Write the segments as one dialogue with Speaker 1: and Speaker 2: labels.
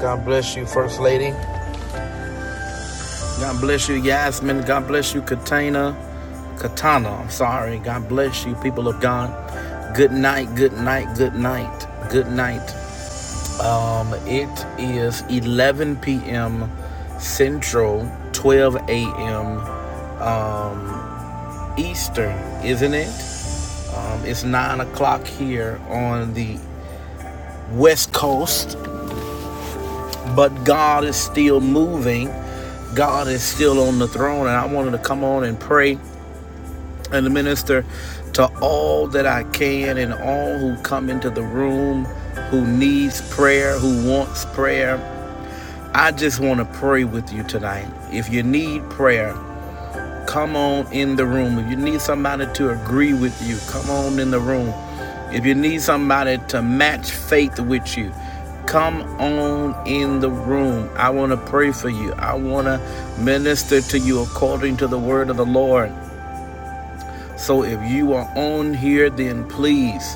Speaker 1: God bless you, First Lady. God bless you, Yasmin. God bless you, Katana. Katana, I'm sorry. God bless you, people of God. Good night, good night, good night, good night. Um, it is 11 p.m. Central, 12 a.m. Um, Eastern, isn't it? Um, it's 9 o'clock here on the West Coast. But God is still moving. God is still on the throne. And I wanted to come on and pray and minister to all that I can and all who come into the room who needs prayer, who wants prayer. I just want to pray with you tonight. If you need prayer, Come on in the room. If you need somebody to agree with you, come on in the room. If you need somebody to match faith with you, come on in the room. I want to pray for you. I want to minister to you according to the word of the Lord. So if you are on here, then please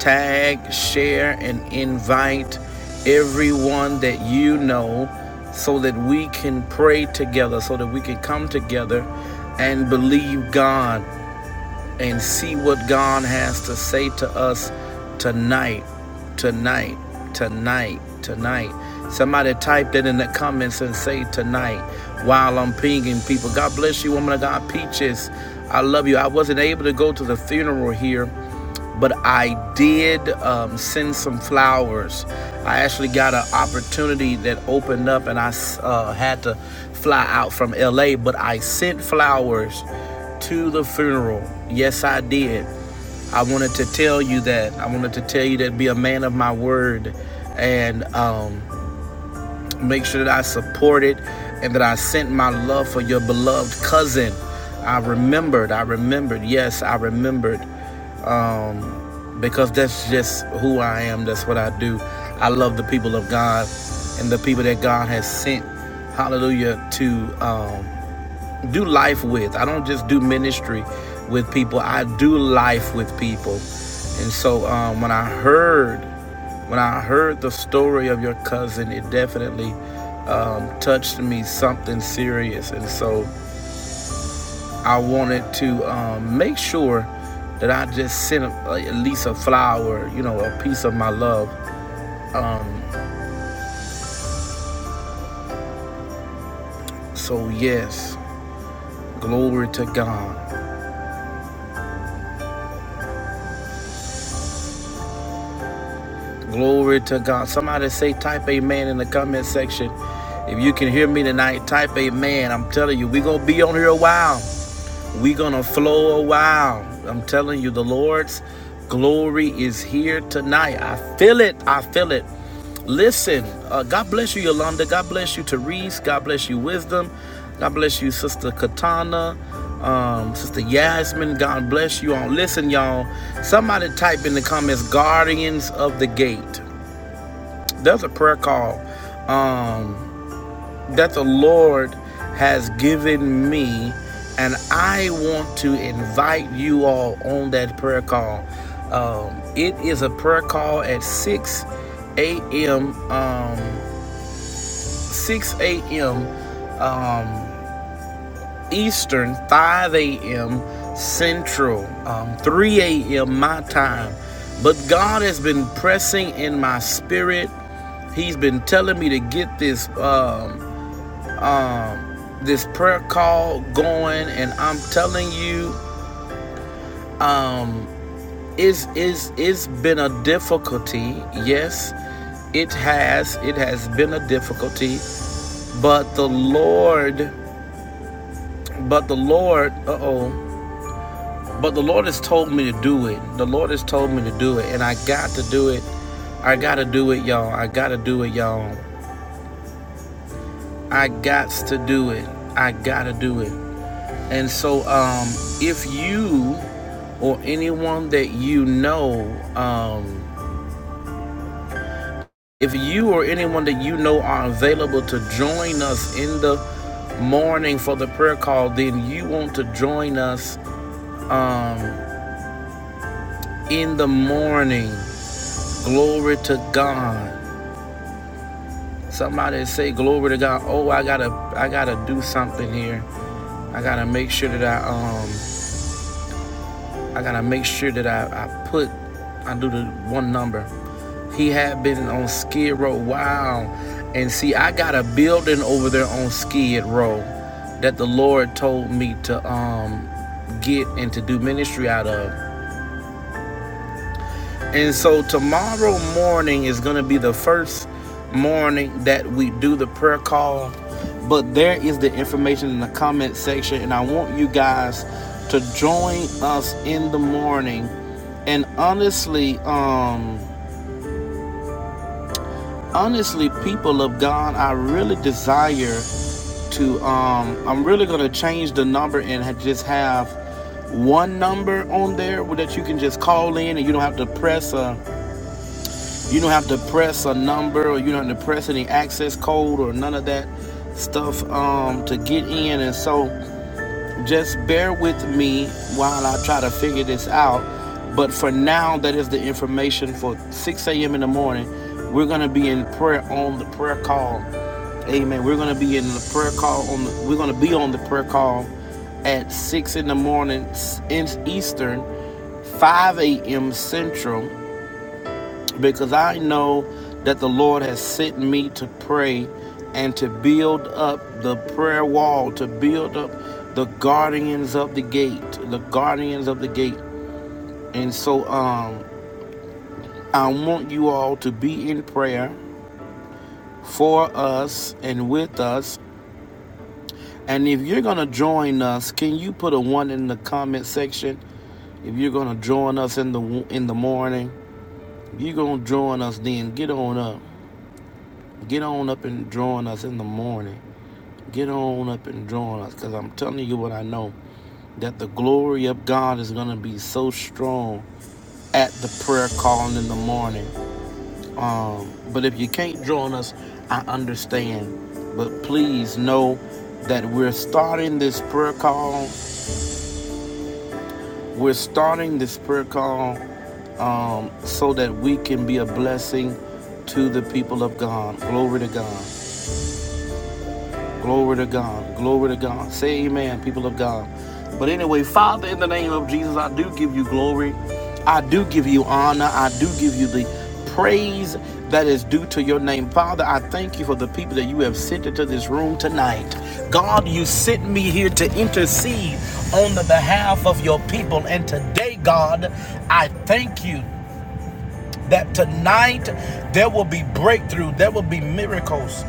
Speaker 1: tag, share, and invite everyone that you know so that we can pray together, so that we can come together and believe God and see what God has to say to us tonight, tonight, tonight, tonight. Somebody type that in the comments and say tonight while I'm pinging people. God bless you, woman of God, Peaches. I love you. I wasn't able to go to the funeral here but I did um, send some flowers. I actually got an opportunity that opened up, and I uh, had to fly out from LA, but I sent flowers to the funeral. Yes, I did. I wanted to tell you that. I wanted to tell you that be a man of my word and um, make sure that I supported and that I sent my love for your beloved cousin. I remembered, I remembered, yes, I remembered um, because that's just who I am. That's what I do. I love the people of God and the people that God has sent, hallelujah, to um, do life with. I don't just do ministry with people, I do life with people. And so um, when I heard, when I heard the story of your cousin, it definitely um, touched me something serious. And so I wanted to um, make sure that I just sent a, a- at least a flower, you know, a piece of my love. Um, so yes, glory to God, glory to God. Somebody say type amen in the comment section. If you can hear me tonight, type amen. I'm telling you, we gonna be on here a while. We gonna flow a while. I'm telling you, the Lord's glory is here tonight. I feel it. I feel it. Listen, uh, God bless you, Yolanda. God bless you, Therese. God bless you, Wisdom. God bless you, Sister Katana. Um, Sister Yasmin. God bless you all. Listen, y'all. Somebody type in the comments, Guardians of the Gate. There's a prayer call. Um, that the Lord has given me, and I want to invite you all on that prayer call. Um, it is a prayer call at 6 a.m. Um, 6 a.m. Um, Eastern, 5 a.m. Central, um, 3 a.m. my time. But God has been pressing in my spirit. He's been telling me to get this. Um, um, this prayer call going, and I'm telling you, um, it's, it's, it's been a difficulty. Yes, it has. It has been a difficulty, but the Lord, but the Lord, uh oh, but the Lord has told me to do it. The Lord has told me to do it, and I got to do it. I gotta do it, y'all. I gotta do it, y'all. I gots to do it. I gotta do it. And so, um, if you or anyone that you know, um, if you or anyone that you know are available to join us in the morning for the prayer call, then you want to join us um, in the morning. Glory to God. Somebody say glory to God. Oh, I gotta, I gotta do something here. I gotta make sure that I, um, I gotta make sure that I, I put, I do the one number. He had been on Skid Row. Wow. And see, I got a building over there on Skid Row that the Lord told me to um get and to do ministry out of. And so tomorrow morning is going to be the first morning that we do the prayer call. But there is the information in the comment section and I want you guys to join us in the morning. And honestly, um honestly people of god i really desire to um i'm really gonna change the number and ha- just have one number on there that you can just call in and you don't have to press a you don't have to press a number or you don't have to press any access code or none of that stuff um to get in and so just bear with me while I try to figure this out. But for now, that is the information for 6 a.m. in the morning. We're going to be in prayer on the prayer call. Amen. We're going to be in the prayer call on the, we're going to be on the prayer call at 6 in the morning in Eastern, 5 a.m. Central, because I know that the Lord has sent me to pray and to build up the prayer wall, to build up the guardians of the gate, the guardians of the gate. And so um I want you all to be in prayer for us and with us. And if you're going to join us, can you put a one in the comment section? If you're going to join us in the in the morning, if you're going to join us then get on up. Get on up and join us in the morning Get on up and join us because I'm telling you what I know that the glory of God is going to be so strong at the prayer calling in the morning. Um, but if you can't join us, I understand. But please know that we're starting this prayer call. We're starting this prayer call um, so that we can be a blessing to the people of God. Glory to God. Glory to God. Glory to God. Say amen, people of God. But anyway, Father, in the name of Jesus, I do give you glory. I do give you honor. I do give you the praise that is due to your name. Father, I thank you for the people that you have sent into this room tonight. God, you sent me here to intercede on the behalf of your people. And today, God, I thank you that tonight there will be breakthrough, there will be miracles,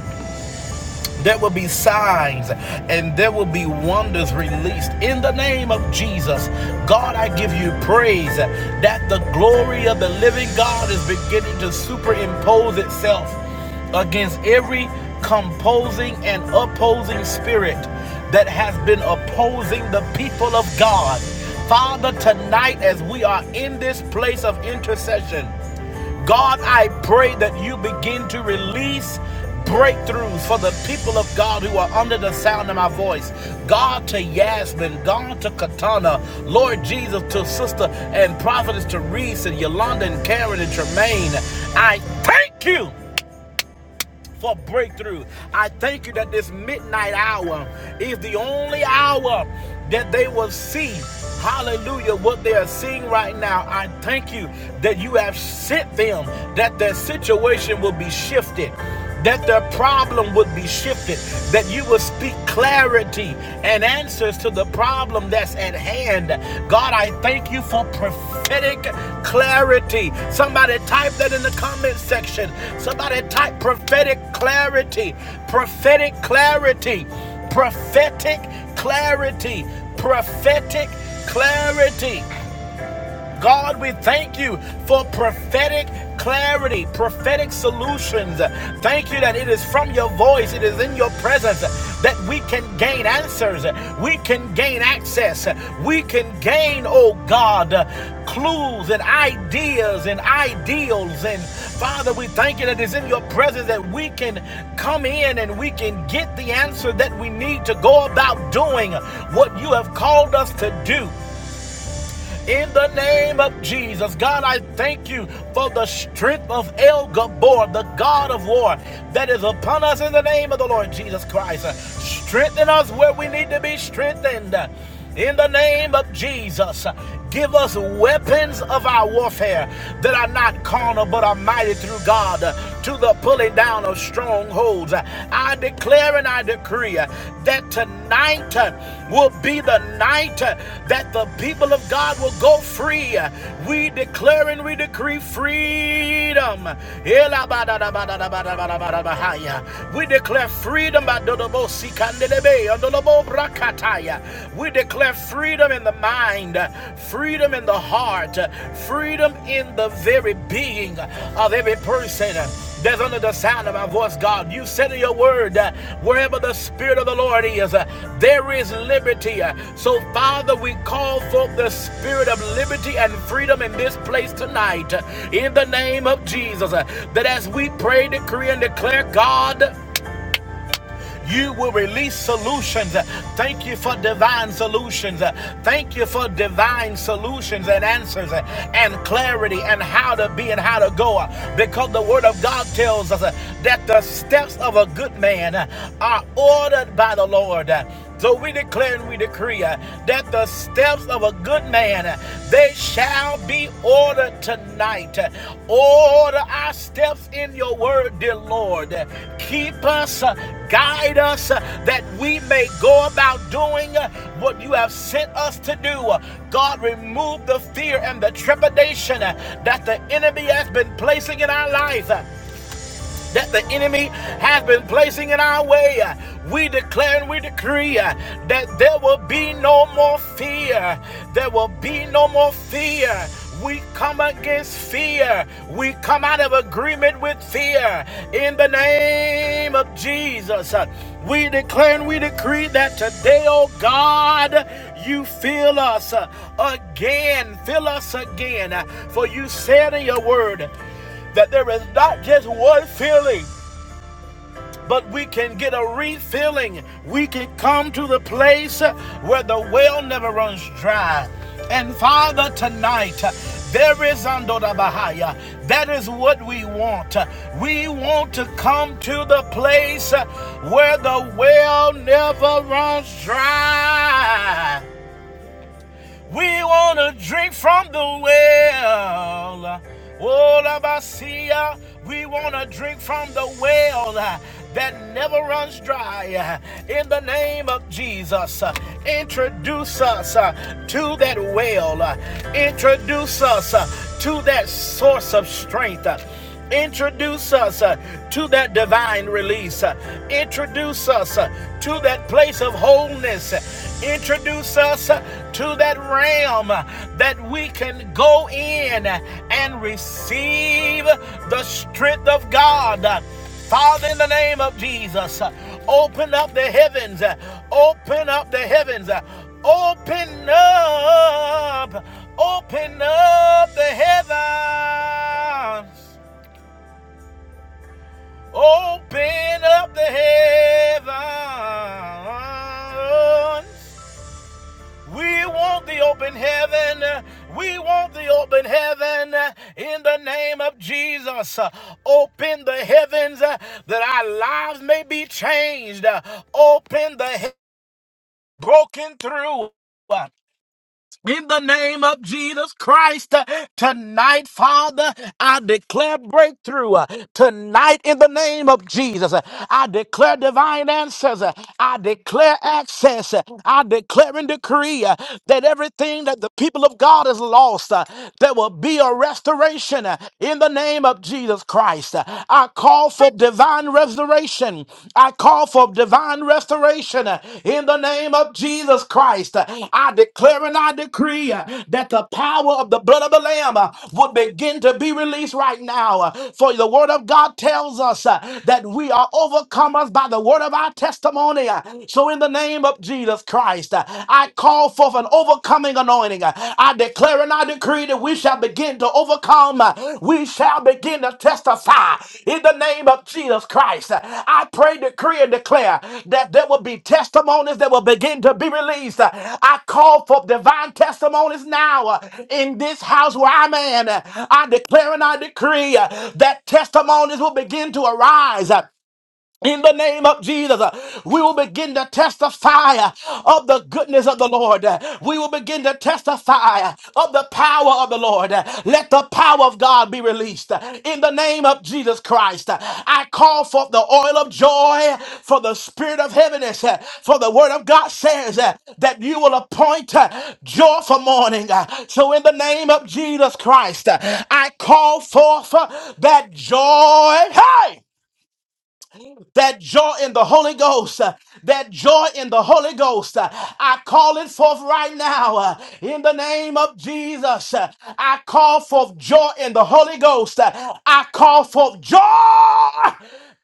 Speaker 1: there will be signs and there will be wonders released in the name of Jesus. God, I give you praise that the glory of the living God is beginning to superimpose itself against every composing and opposing spirit that has been opposing the people of God. Father, tonight as we are in this place of intercession, God, I pray that you begin to release breakthroughs for the people of God who are under the sound of my voice. God to Yasmin, God to Katana, Lord Jesus to Sister and Prophetess to Reese and Yolanda and Karen and Tremaine. I thank you for breakthrough. I thank you that this midnight hour is the only hour that they will see. Hallelujah, what they are seeing right now. I thank you that you have sent them, that their situation will be shifted that their problem would be shifted, that you will speak clarity clarity and answers to the problem that's at hand. God, I thank you for prophetic clarity. Somebody type that in the comment section. Somebody type prophetic clarity, prophetic clarity, prophetic clarity, prophetic clarity. God, we thank you for prophetic clarity, prophetic solutions. Thank you that it is from your voice, it is in your presence that we can gain answers, we can gain access, we can gain, oh God, clues and ideas and ideals. And Father, we thank you that it's in your presence that we can come in and we can get the answer that we need to go about doing what you have called us to do in the name of Jesus. God, I thank you for the strength of El Gabor, the God of war, that is upon us in the name of the Lord Jesus Christ. Strengthen us where we need to be strengthened. In the name of Jesus, give us weapons of our warfare that are not carnal but are mighty through God to the pulling down of strongholds souls. I declare and I decree that tonight will be the night that the people of God will go free. We declare and we decree freedom. We declare freedom. We declare freedom in the mind, Freedom freedom in the heart, freedom in the very being of every person. That's under the sound of my voice, God. You said in your word, uh, wherever the Spirit of the Lord is, uh, there is liberty. Uh, So, Father, we call forth the Spirit of liberty and freedom in this place tonight, uh, in the name of Jesus. uh, That as we pray, decree, and declare, God, you will release solutions. Thank you for divine solutions. Thank you for divine solutions and answers and clarity and how to be and how to go. Because the Word of God tells us that the steps of a good man are ordered by the Lord. So we declare and we decree uh, that the steps of a good man, uh, they shall be ordered tonight. Uh, Order our steps in your word, dear Lord. Uh, Keep us, uh, guide us, uh, that we may go about doing uh, what you have sent us to do. Uh, God, remove the fear and the trepidation uh, that the enemy has been placing in our life. Uh, that the enemy has been placing in our way. We declare and we decree uh, that there will be no more fear. There will be no more fear. We come against fear. We come out of agreement with fear in the name of Jesus. Uh, We declare and we decree that today, oh God, you fill us uh, again. Fill us again. Uh, For you said in your word, that there is not just one feeling, but we can get a refilling. We can come to the place where the well never runs dry. And Father, tonight, there is Andora Bahaya. That is what we want. We want to come to the place where the well never runs dry. We want to drink from the well. Oh, Labasia, we want to drink from the well uh, that never runs dry. uh, In the name of Jesus, uh, introduce us uh, to that well. uh, Introduce us uh, to that source of strength. uh, Introduce us uh, to that divine release. Uh, Introduce us uh, to that place of wholeness. Uh, Introduce us uh, to that realm uh, that we can go in uh, and receive the strength of God. Uh, Father, in the name of Jesus, uh, open up the heavens. uh, Open up the heavens. uh, Open up. Open up the heavens. Open up the heavens. We want the open heaven. We want the open heaven in the name of Jesus. Open the heavens that our lives may be changed. Open the he- broken through. In the name of Jesus Christ, uh, tonight, Father, I declare breakthrough. uh, Tonight, in the name of Jesus, uh, I declare divine answers. uh, I declare access. uh, I declare and decree uh, that everything that the people of God has lost, uh, there will be a restoration uh, in the name of Jesus Christ. Uh, I call for divine divine restoration. I call for divine restoration uh, in the name of Jesus Christ. Uh, I declare and I decree uh, that the power of the blood of the Lamb uh, would begin to be released right now. Uh, For the word of God tells us uh, that we are overcomers by the word of our testimony. Uh, So in the name of Jesus Christ, uh, I call forth an overcoming anointing morning. I declare and I decree that we shall begin to overcome. We shall begin to testify in the name of Jesus Christ. I pray, decree, and declare that there will be testimonies that will begin to be released. I call for divine testimonies now uh, in this house where I'm in. I declare and I decree uh, that testimonies will begin to arise. In the name of Jesus, uh, we will begin to testify uh, of the goodness of the Lord. Uh, We will begin to testify uh, of the power of the Lord. Uh, Let the power of God be released. Uh, In the name of Jesus Christ, uh, I call forth the oil of joy for the spirit of heaviness. uh, For the word of God says uh, that you will appoint uh, joy for mourning. Uh, So in the name of Jesus Christ, uh, I call forth uh, that joy. Hey! that joy in the Holy Ghost, uh, that joy in the Holy Ghost. uh, I call it forth right now uh, in the name of Jesus. uh, I call forth joy in the Holy Ghost. uh, I call forth joy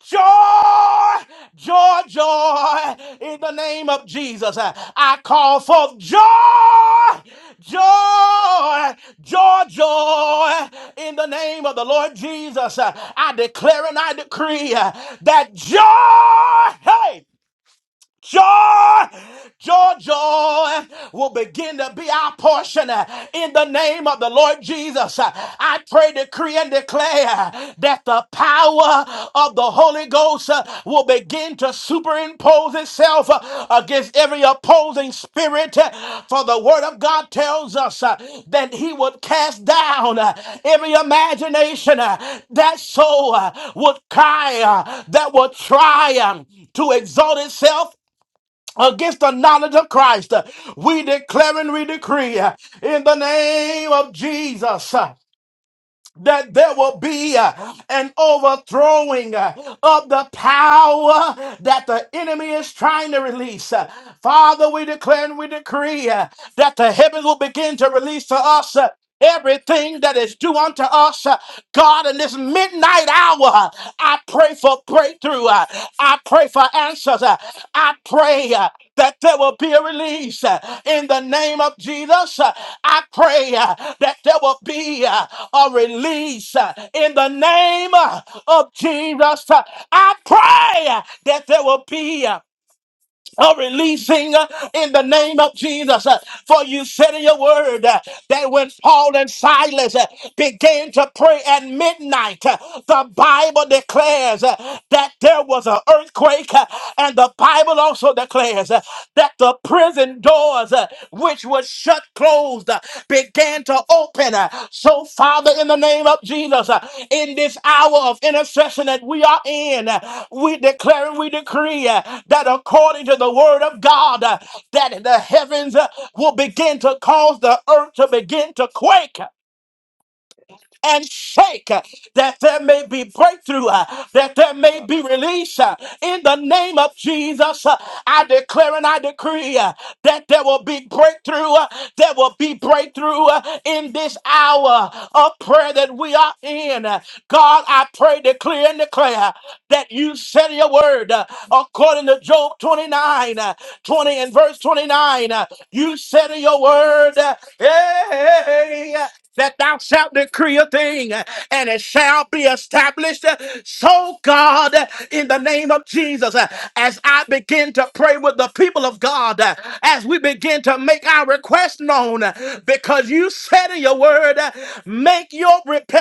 Speaker 1: joy, joy, joy in the name of Jesus. Uh, I call forth joy, Joy, joy, joy in the name of the Lord Jesus. uh, I declare and I decree uh, that joy. hey, Joy, joy, joy will begin to be our portion uh, in the name of the Lord Jesus. Uh, I pray, decree, and declare uh, that the power of the Holy Ghost uh, will begin to superimpose itself uh, against every opposing spirit. Uh, For the Word of God tells us uh, that He would cast down uh, every imagination uh, that so uh, would cry, uh, that would try um, to exalt itself against the knowledge of Christ. We declare and we decree uh, in the name of Jesus. uh, That there will be uh, an overthrowing uh, of the power that the enemy is trying to release. Uh, Father, we declare and we decree uh, that the heavens will begin to release to us uh, everything that is due unto us. Uh, God, in this midnight hour, pray for breakthrough. Uh, I pray for answers. Uh, I pray uh, that there will be a release uh, in the name of Jesus. Uh, I pray uh, that there will be uh, a release uh, in the name uh, of Jesus. Uh, I pray uh, that there will be. uh, are releasing uh, in the name of Jesus. Uh, For you said in your word uh, that when Paul and Silas uh, began to pray at midnight, uh, the Bible declares uh, that there was an earthquake, uh, and the Bible also declares uh, that the prison doors, uh, which which was shut closed uh, began to open. Uh, So, Father, in the name of Jesus, uh, in this hour of intercession that we are in, uh, we declare and we decree uh, that according to the word of God, uh, that the heavens uh, will begin to cause the earth to begin to quake
Speaker 2: First,
Speaker 1: and shake uh, that there may be breakthrough, uh, that there may
Speaker 2: Alabama,
Speaker 1: be release. uh, In the name of Jesus, uh, I declare and I decree uh, that there will be breakthrough, uh, there will be breakthrough uh, in this hour of prayer that we are in. Uh, God, I pray, declare, and declare that you said in your word uh, according to Job 29, uh, 20 and verse 29. uh, You said in your word, uh, hey, hey, hey, hey, that thou shalt decree a thing and it shall be established. So, God, in the name of Jesus, as I begin to pray with the people of God, as we begin to make our request known, because you said in your word, make your repentance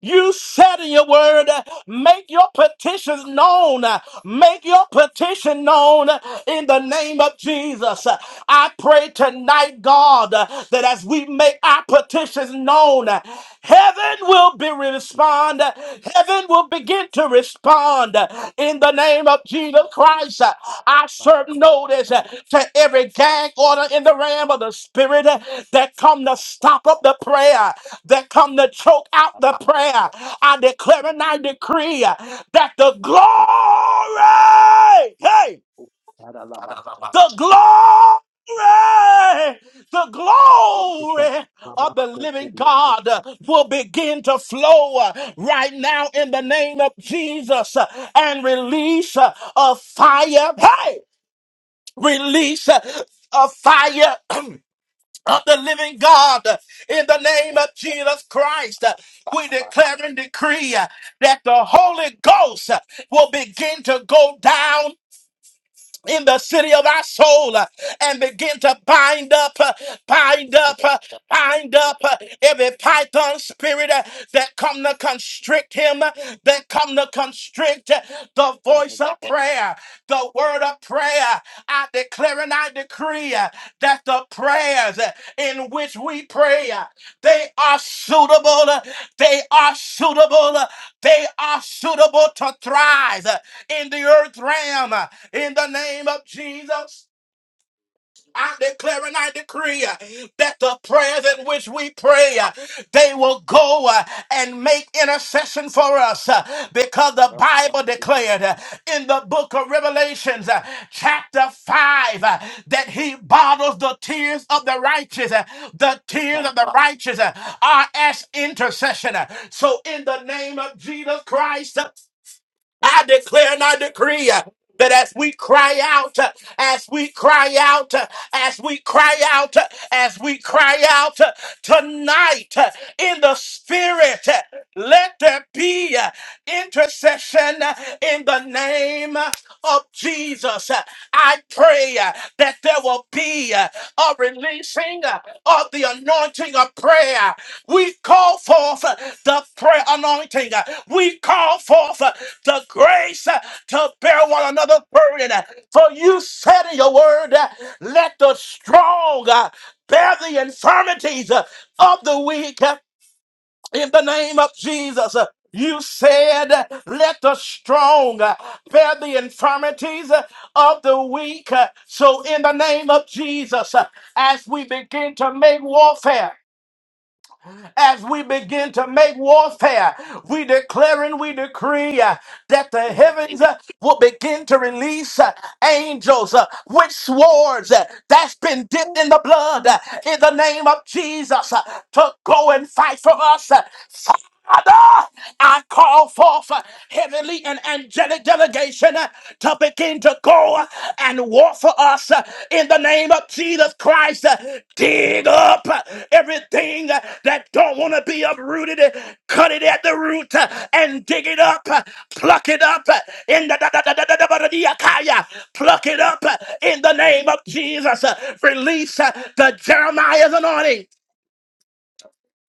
Speaker 1: you said in your word, uh, make your petitions known. uh, Make your petition known uh, in the name of Jesus. Uh, I pray tonight, God, uh, that as we make our petitions known, uh, heaven will be respond. uh, Heaven will begin to respond uh, in the name of Jesus Christ. Uh, I
Speaker 2: Alabama,
Speaker 1: serve notice uh,
Speaker 2: Alabama,
Speaker 1: to every gag order in the realm of the spirit uh, that come to stop up the prayer that come to choke out the prayer. I declare and I decree uh, that the glory, hey,
Speaker 2: Alabama, Alabama,
Speaker 1: the glory, the glory of the living God uh, will begin to flow uh, right now in the name of Jesus uh, and release uh, a fire, hey, release uh, a fire of the living God uh, in the name of Jesus Christ. uh, We declare and decree uh, that the Holy Ghost uh, will begin to go down in the city of our soul uh, and begin to bind up, uh, bind up, uh, bind up uh, every python spirit uh, that come to constrict him, uh, that come to constrict uh, the voice of prayer, the word of prayer. I declare and I decree uh, that the prayers uh, in which we pray, uh, they are suitable, uh, they are suitable, uh, they are suitable to thrive. uh, in the earth realm uh, in the name of Jesus. I declare and I decree uh, that the prayers in which we pray, uh, they will go uh, and make intercession for us uh, because the Bible declared uh, in the book of Revelations, uh, chapter 5, uh, that he bottles the tears of the righteous. uh, The tears of the righteous uh, are as intercession. uh. So, in the name of Jesus Christ, uh, I declare and I decree uh, that as we cry out, uh, as we cry out, uh, as we cry out, uh, as we cry out uh, tonight uh, in the spirit, uh, let there be uh, intercession uh, in the name uh, of Jesus. Uh, I pray uh, that there will be uh, a releasing uh, of the anointing of prayer. We call forth uh, the prayer anointing. Uh, We call forth uh, the grace uh, to bear one another burden. Uh, For you said in your word, uh, let the strong uh, bear the infirmities uh, of the weak uh, in the name of Jesus. Uh, You said, uh, let the strong uh, bear the infirmities uh, of the weak. Uh, So, in the name of Jesus, uh, as we begin to make warfare, as we begin to make warfare. We declare and we decree uh, that the
Speaker 2: Baba
Speaker 1: heavens uh, will begin to release uh, angels uh, with swords uh, that's been dipped in the blood uh, in the name of Jesus uh, to go and fight for us. uh, Father, I call forth uh, heavenly and angelic delegation uh, to begin to go uh, and war for us uh, in the name of Jesus Christ. Uh, Dig up uh, everything uh, that don't want to be uprooted. uh, Cut it at the root uh, and dig it up. uh, Pluck it up uh, in the da- da- da- da- da- da- da- da- da- kaya. Pluck it up uh, in the name of Jesus. Uh, Release uh, the Jeremiah's anointing.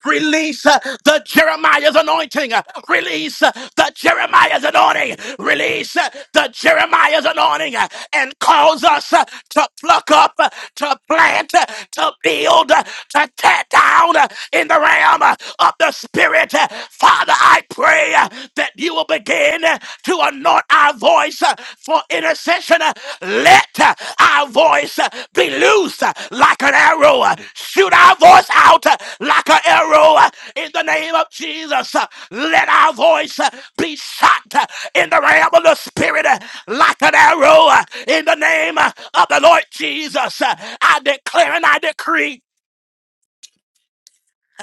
Speaker 1: Release uh, the Jeremiah's anointing. Uh, Release uh, the Jeremiah's anointing. Release uh, the Jeremiah's anointing uh, and cause us uh, to pluck up, uh, to plant, uh, to build, uh, to tear down uh, in the realm uh, of the Spirit. Uh, Father, I pray uh, that you will begin uh, to anoint our voice voice uh, for intercession. Uh, Let uh, our voice uh, be loose uh, like an arrow. Uh, Shoot our voice out uh, like an arrow uh, in the name of Jesus. Uh, Let our voice uh, be shot uh, in the realm of the spirit uh, like an arrow uh, in the name uh, of the Lord Jesus. Uh, I declare and I decree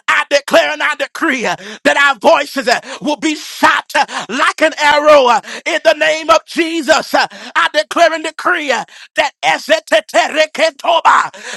Speaker 1: I declare and I decree uh, that our voices uh, will be shot uh, like an arrow uh, in the name of Jesus. Uh, I declare and decree uh, that as it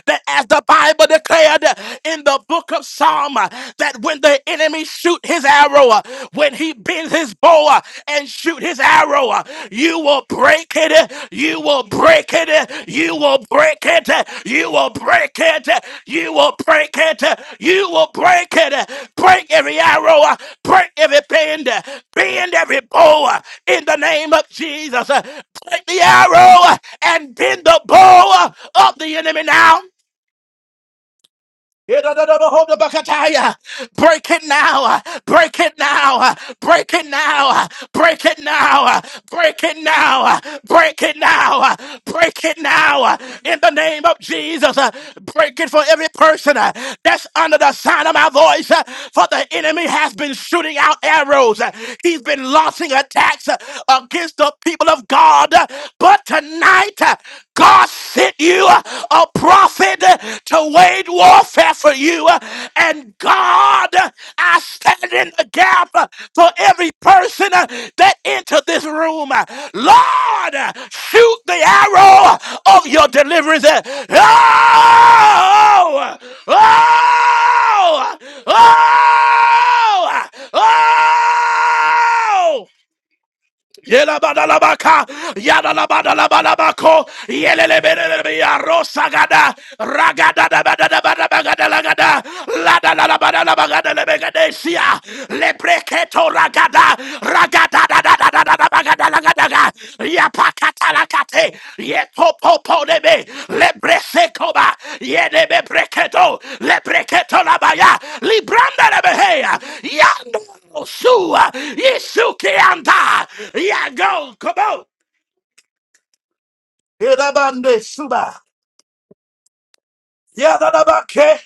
Speaker 1: that as the Bible declared uh, in the book of Psalm, uh, that when the enemy shoot his arrow, uh, when he bends his bow uh, and shoot his arrow, Pharaoh. uh, You will break it. uh, You will break it. uh, You will break it. uh, You will break it. uh, You will break it. uh, You will break it. uh, Break every arrow. uh, Break every bend. uh, Bend every bow uh, in the name of Jesus. uh, Break the arrow uh, and bend the bow uh, of the enemy now. Yedadadabahobabakataya. Break it now. Break it now. Break it now. Break it now. Break it now. Break it now. Break it now. In the name of Jesus. uh, Break it for every person uh, that's under the sound of my voice. uh, For the enemy has been shooting out arrows. Uh, He's been launching attacks uh, against the people of God. Uh, But tonight, uh, God sent sent you uh, a prophet uh, to wage warfare for you. uh, And God, uh, I stand in the gap uh, for every person uh, that entered this room. Uh, Lord, uh, shoot the arrow of your deliverance. Uh, Oh! Oh! Oh! Oh! oh, oh, Yelabadalabaka, yadalabadalabalabako, yelelebelelebe, arosagada, ragadadabadadabadabagadalagada, ladalabadalabagadalegadasia, lepreketo ragada, ragadadadadadadabagada daga ya pakata la kate ye topo po de be le brese koba ye de be breketo le breketo la baya li branda la beheya ya no sua ye suke anda ya go kobo Irabande suba Yadadabake.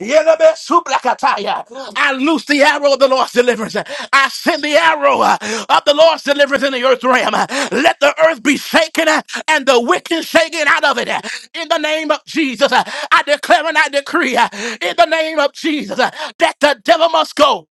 Speaker 1: Yelebe sublakataya. I loose the arrow of the Lord's deliverance. I send the arrow uh, of the Lord's deliverance in the earth realm. Let the earth be shaken uh, and the wicked shaken out of it. In the name of Jesus, uh, I declare and I decree uh, in the name of Jesus uh, that the devil must go.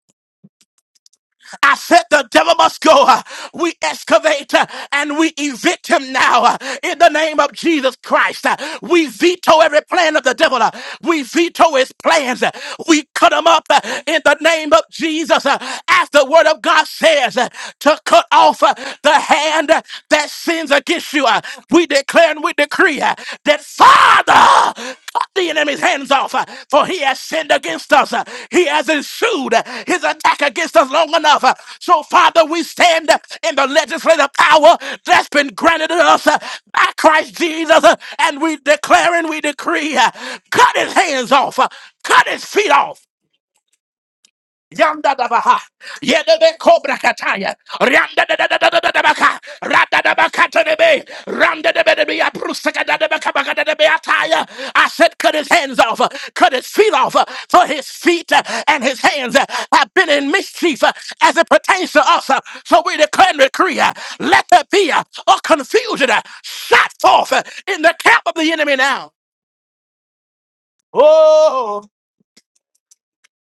Speaker 1: I said the devil must go. Uh, We excavate uh, and we evict him now uh, in the name of Jesus Christ. Uh, We veto every plan of the devil. Uh, We veto his plans. Uh, We cut him up uh, in the name of Jesus. Uh, As the word of God says, uh, to cut off uh, the hand uh, that sins against you. Uh, We declare and we decree uh, that Father, cut the enemy's hands off, uh, for he has sinned against us. uh, He has ensued uh, his attack against us long enough. uh, So, Father, we stand uh, in the legislative power that's been granted to us uh, by Christ Jesus, uh, and we declare and we decree, uh, cut his hands off, uh, cut his feet off. Yanda Dabaha, Yedebe Cobra Kataya, Randa da da da da da da da Baka, Randa da Bakata de Bay, Randa de Bedebia, Prusaka da Bakabaka de Beataya. I said, cut his hands off, cut his feet off, for his feet and his hands have been in mischief as it pertains to us. So we declare and decree, let there be a confusion shot forth in the camp of the enemy now. Oh,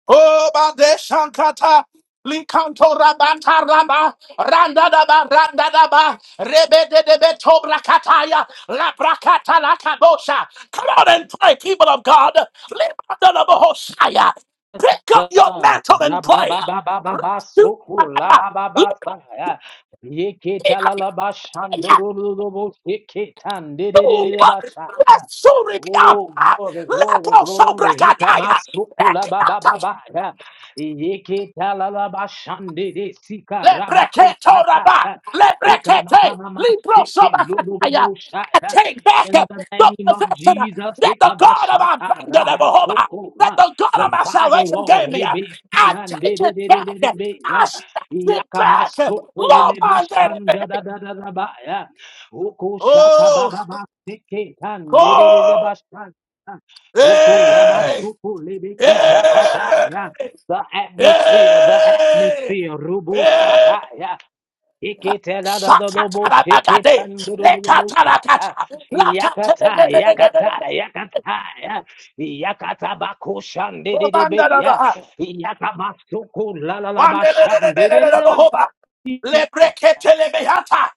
Speaker 1: Oh, Bade Shankata. Likanto rabanta raba randa daba randa daba rebe de de beto brakataya la brakata la kabosha. Come on and pray, people of God. Libanda la bohoshaya. Pick up your mantle and
Speaker 2: ba ba
Speaker 1: pray.
Speaker 2: Alabama,
Speaker 1: Rasu rakata. Lipi
Speaker 2: Yeketa la
Speaker 1: apaya.
Speaker 2: la bashandoro lo lo bo seketan de de de
Speaker 1: Tuwa.
Speaker 2: ba basha.
Speaker 1: Rasu ripi
Speaker 2: Oh,
Speaker 1: apa.
Speaker 2: glory, glory,
Speaker 1: Lepo so
Speaker 2: glory. Hikamasukula baba
Speaker 1: brakataya.
Speaker 2: baba. Yeke talala bashande de sika
Speaker 1: Lebreketoraba,
Speaker 2: rabakosata.
Speaker 1: lebrekete,
Speaker 2: Hikamamama seke
Speaker 1: librosobakataya.
Speaker 2: lububusha.
Speaker 1: I take back
Speaker 2: In
Speaker 1: the
Speaker 2: the name of
Speaker 1: possession
Speaker 2: Jesus,
Speaker 1: that the God of
Speaker 2: Hikabashata
Speaker 1: our abandonable
Speaker 2: Rabasoko,
Speaker 1: that the God
Speaker 2: the
Speaker 1: of my salvation gave
Speaker 2: firewall,
Speaker 1: me.
Speaker 2: Rebeshi
Speaker 1: I
Speaker 2: and
Speaker 1: take it back. I
Speaker 2: Debe,
Speaker 1: snatch it back. Lord,
Speaker 2: Yakamasoko,
Speaker 1: my enemy.
Speaker 2: Lebashanda,
Speaker 1: Oh,
Speaker 2: Ukosha Seke tan nerere
Speaker 1: oh,
Speaker 2: başkan.
Speaker 1: hey, hey,
Speaker 2: Ukulamaskukulibikishakataya. The atmosphere, the
Speaker 1: hey,
Speaker 2: atmosphere, Rubu
Speaker 1: hey.
Speaker 2: Sakaya, Ikitela da da Lobo Shikit
Speaker 1: Shakatarabagade,
Speaker 2: and the Lobo Saya,
Speaker 1: lekatalakata,
Speaker 2: Yakata, Yakata,
Speaker 1: lakatebelegedegedege,
Speaker 2: Yakata, ya. Yakata Bakushan did it be,
Speaker 1: obandarabaha,
Speaker 2: Yakamasukul la la la Bashan did
Speaker 1: wandelelelelelelelebohoba,
Speaker 2: it.
Speaker 1: lebreketelebehata,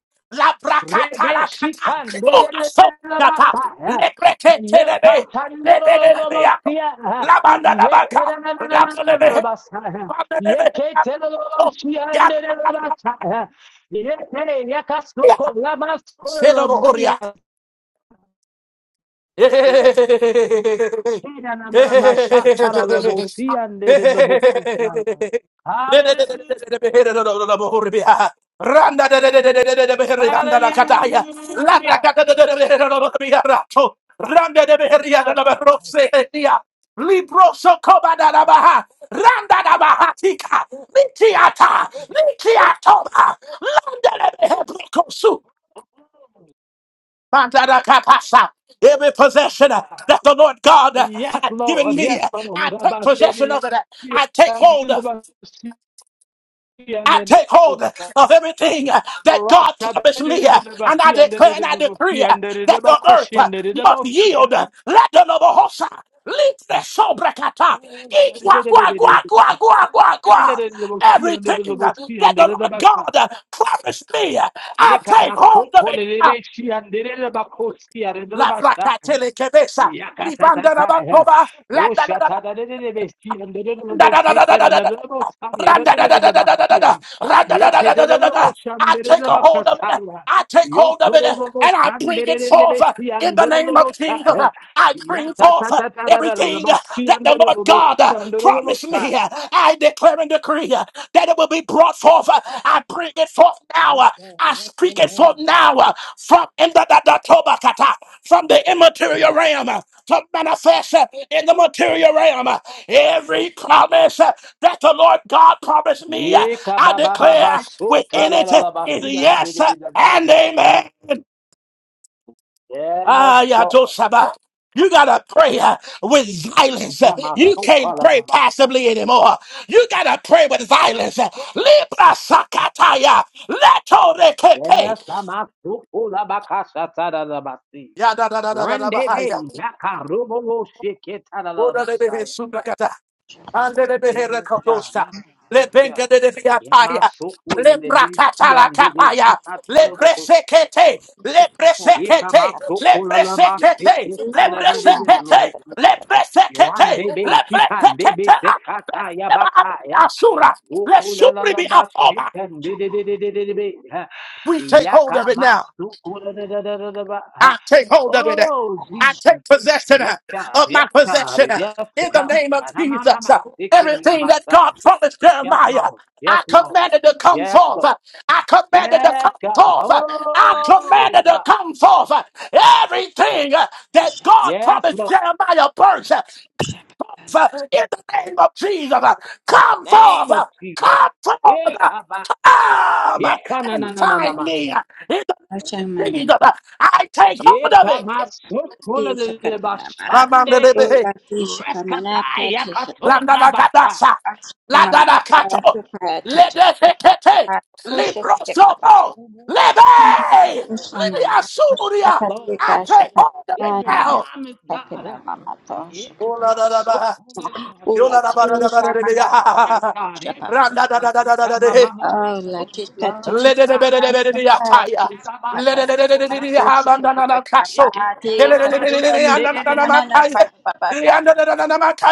Speaker 2: Rebe
Speaker 1: labrakatalakata,
Speaker 2: shikan derere
Speaker 1: umasokata,
Speaker 2: rabata ha. Ye
Speaker 1: lebreketelebe,
Speaker 2: katandoro
Speaker 1: lebelelebeyato,
Speaker 2: lobosia ha. Ye
Speaker 1: labandarabaka,
Speaker 2: kerana na na na na na
Speaker 1: labrebehe,
Speaker 2: rabasa ha. Ye
Speaker 1: wandelebehe,
Speaker 2: ketelo
Speaker 1: yabato,
Speaker 2: lobosian derere rabata ha. Ye kere yakasloko
Speaker 1: yabaya,
Speaker 2: labasko
Speaker 1: sedorohoria.
Speaker 2: Hallelujah. Hallelujah.
Speaker 1: Randa Bandarakapasa. Every possession uh, that the Lord God uh,
Speaker 2: Yes,
Speaker 1: had given
Speaker 2: Lord.
Speaker 1: me,
Speaker 2: Yes,
Speaker 1: uh, I
Speaker 2: Lord.
Speaker 1: take
Speaker 2: About
Speaker 1: possession
Speaker 2: the,
Speaker 1: of it. uh, I take
Speaker 2: and
Speaker 1: hold. uh,
Speaker 2: the, ba si, and
Speaker 1: I
Speaker 2: the,
Speaker 1: take hold uh,
Speaker 2: ba-
Speaker 1: of everything uh, that God
Speaker 2: Rata
Speaker 1: promised me,
Speaker 2: dede
Speaker 1: uh,
Speaker 2: dede ba
Speaker 1: and I
Speaker 2: si, and
Speaker 1: declare
Speaker 2: dede
Speaker 1: and
Speaker 2: dede
Speaker 1: I
Speaker 2: ba
Speaker 1: decree
Speaker 2: si,
Speaker 1: uh,
Speaker 2: and dede
Speaker 1: that
Speaker 2: dede ba
Speaker 1: the earth
Speaker 2: koshi,
Speaker 1: uh,
Speaker 2: and the, dede
Speaker 1: must
Speaker 2: ba si.
Speaker 1: yield. uh, Let the noble host, uh, lift the sobrakata.
Speaker 2: Oh, Rabba
Speaker 1: Eat gua
Speaker 2: dede dede
Speaker 1: gua
Speaker 2: dede
Speaker 1: gua
Speaker 2: dede.
Speaker 1: gua gua gua
Speaker 2: Dede
Speaker 1: gua.
Speaker 2: dede dede ba si, and dede dede
Speaker 1: Everything
Speaker 2: ba
Speaker 1: uh,
Speaker 2: si,
Speaker 1: that
Speaker 2: and dede
Speaker 1: the
Speaker 2: dede
Speaker 1: Lord
Speaker 2: ba sa.
Speaker 1: God uh, promised me, uh, I
Speaker 2: Ye
Speaker 1: take
Speaker 2: the,
Speaker 1: hold of
Speaker 2: soko
Speaker 1: it.
Speaker 2: dede be si, and dede dede ba koshi, and the, dede
Speaker 1: La
Speaker 2: ba
Speaker 1: placa
Speaker 2: sa.
Speaker 1: telekebesa. Libanda na
Speaker 2: Yakatatata. yeah.
Speaker 1: bakoba.
Speaker 2: Oh,
Speaker 1: La da da
Speaker 2: shatadadadadabesti, and the
Speaker 1: da da
Speaker 2: little
Speaker 1: da da da da
Speaker 2: naked
Speaker 1: da
Speaker 2: and
Speaker 1: da
Speaker 2: the
Speaker 1: da.
Speaker 2: little Saya, the other little
Speaker 1: Ra-da-da-da-da-da-da-da-da.
Speaker 2: Basia.
Speaker 1: Ra-da-da-da-da-da-da-da.
Speaker 2: Yekatadadaboshan,
Speaker 1: I
Speaker 2: the
Speaker 1: take
Speaker 2: little
Speaker 1: a hold of it.
Speaker 2: Bakasaya.
Speaker 1: I take
Speaker 2: You
Speaker 1: hold of
Speaker 2: to
Speaker 1: it
Speaker 2: the
Speaker 1: uh,
Speaker 2: little
Speaker 1: and I
Speaker 2: shan,
Speaker 1: bring
Speaker 2: the
Speaker 1: it
Speaker 2: little
Speaker 1: forth uh,
Speaker 2: Besti,
Speaker 1: in
Speaker 2: and
Speaker 1: the
Speaker 2: the
Speaker 1: name
Speaker 2: little
Speaker 1: of Jesus. Uh,
Speaker 2: Saya.
Speaker 1: I bring forth uh,
Speaker 2: Yatatatata, the
Speaker 1: everything uh,
Speaker 2: Basi,
Speaker 1: that
Speaker 2: and the
Speaker 1: the Lord
Speaker 2: little
Speaker 1: God
Speaker 2: Bosi,
Speaker 1: uh,
Speaker 2: and the little
Speaker 1: promised
Speaker 2: Saya.
Speaker 1: me. Uh, I declare and decree uh, that it will be brought forth. Uh, I bring it forth now.
Speaker 2: Yes,
Speaker 1: Uh,
Speaker 2: sir.
Speaker 1: I
Speaker 2: Yes,
Speaker 1: speak it
Speaker 2: sir.
Speaker 1: forth now uh, from in the, the, the Tobakata, from the immaterial realm uh, to manifest uh, in the material realm. Uh, Every promise that the Lord God promised me. uh,
Speaker 2: Yeka
Speaker 1: I
Speaker 2: ba ba ba ba
Speaker 1: declare
Speaker 2: sota
Speaker 1: within
Speaker 2: la
Speaker 1: it
Speaker 2: la la ba
Speaker 1: is
Speaker 2: si and de
Speaker 1: yes
Speaker 2: de de
Speaker 1: and amen.
Speaker 2: Yes,
Speaker 1: Ah,
Speaker 2: Lord.
Speaker 1: Yatosaba. You gotta pray uh, with violence. Uh,
Speaker 2: Yeka ma
Speaker 1: You
Speaker 2: soka
Speaker 1: can't
Speaker 2: la
Speaker 1: pray
Speaker 2: la ba.
Speaker 1: passively anymore. You gotta pray with violence. Uh, Libra sakataya. Leto
Speaker 2: Yes,
Speaker 1: rekepe.
Speaker 2: Amasukula bakasha Amasukulabakashatarabasi.
Speaker 1: Ya da da da da da da bahaya.
Speaker 2: Rendebe Yakarubo
Speaker 1: Oda de de de
Speaker 2: Shiketarabasaya.
Speaker 1: sundakata.
Speaker 2: Yes, God,
Speaker 1: Anderebeherekatosha.
Speaker 2: yes, God, yes, God.
Speaker 1: Lebengededefiataya.
Speaker 2: Yamasukulebe Siandebe
Speaker 1: Lebrakatalatapaya.
Speaker 3: Shaka
Speaker 2: Sikatalabo.
Speaker 1: Lebresekete. Lebresekete. Lebresekete.
Speaker 2: Ikamatukulabasikitanabe.
Speaker 1: Lebresekete. Lebresekete.
Speaker 2: Randebe Sikandebe
Speaker 1: Lebresekete. Lebresekete.
Speaker 2: Sekatayabakaya.
Speaker 1: Asura.
Speaker 2: Oh,
Speaker 1: Let Shuri be up over. We take hold of it now. I take hold of it. I
Speaker 2: Jesus.
Speaker 1: take possession
Speaker 2: Yes,
Speaker 1: uh,
Speaker 2: God.
Speaker 1: of my
Speaker 2: Yes, God.
Speaker 1: possession uh,
Speaker 2: Yes,
Speaker 1: in the name of Jesus. Uh,
Speaker 2: God.
Speaker 1: Everything that God promised
Speaker 2: Yes,
Speaker 1: Jeremiah,
Speaker 2: Lord. Yes,
Speaker 1: I
Speaker 2: Lord.
Speaker 1: commanded to come
Speaker 2: Yes,
Speaker 1: forth.
Speaker 2: Lord.
Speaker 1: Uh, I commanded to
Speaker 2: Yes,
Speaker 1: come
Speaker 2: God.
Speaker 1: forth. Uh, I
Speaker 2: Oh,
Speaker 1: commanded to
Speaker 2: God.
Speaker 1: come forth. Uh, Everything uh, that God
Speaker 2: Yes,
Speaker 1: promised
Speaker 2: Lord.
Speaker 1: Jeremiah burst forth uh, in the name of Jesus. uh, Come forth,
Speaker 2: Name
Speaker 1: uh,
Speaker 2: of Jesus.
Speaker 1: come forth,
Speaker 2: Yeah,
Speaker 1: uh,
Speaker 2: come on.
Speaker 1: come
Speaker 2: Yeah,
Speaker 1: uh,
Speaker 2: come
Speaker 1: and find
Speaker 2: on.
Speaker 1: me uh, in the name of Jesus. uh, I take hold of it.
Speaker 2: Yekamasotolelebashande.
Speaker 1: Lamandelebe,
Speaker 2: Reskatai yakatobrabasa.
Speaker 1: landadakadasa, ladadakato, ledesekete, liprosopo, lebe,
Speaker 2: Yes,
Speaker 1: libiasuria.
Speaker 2: Lord,
Speaker 1: I
Speaker 2: yes,
Speaker 1: take
Speaker 2: Lord.
Speaker 1: hold of it
Speaker 2: Every
Speaker 1: now.
Speaker 2: promise, God.
Speaker 1: Oladadaba,
Speaker 2: Yekamasotolelebashande. Yes, God, every promise.
Speaker 1: yoladabadadabadadabia.
Speaker 3: Oh, la chica, chica,
Speaker 2: Yekamamamamasokolelebasa.
Speaker 3: chica, papa,
Speaker 2: Yarabasokolelebakaya. Yeketalelebashandelelebasa.
Speaker 3: papa,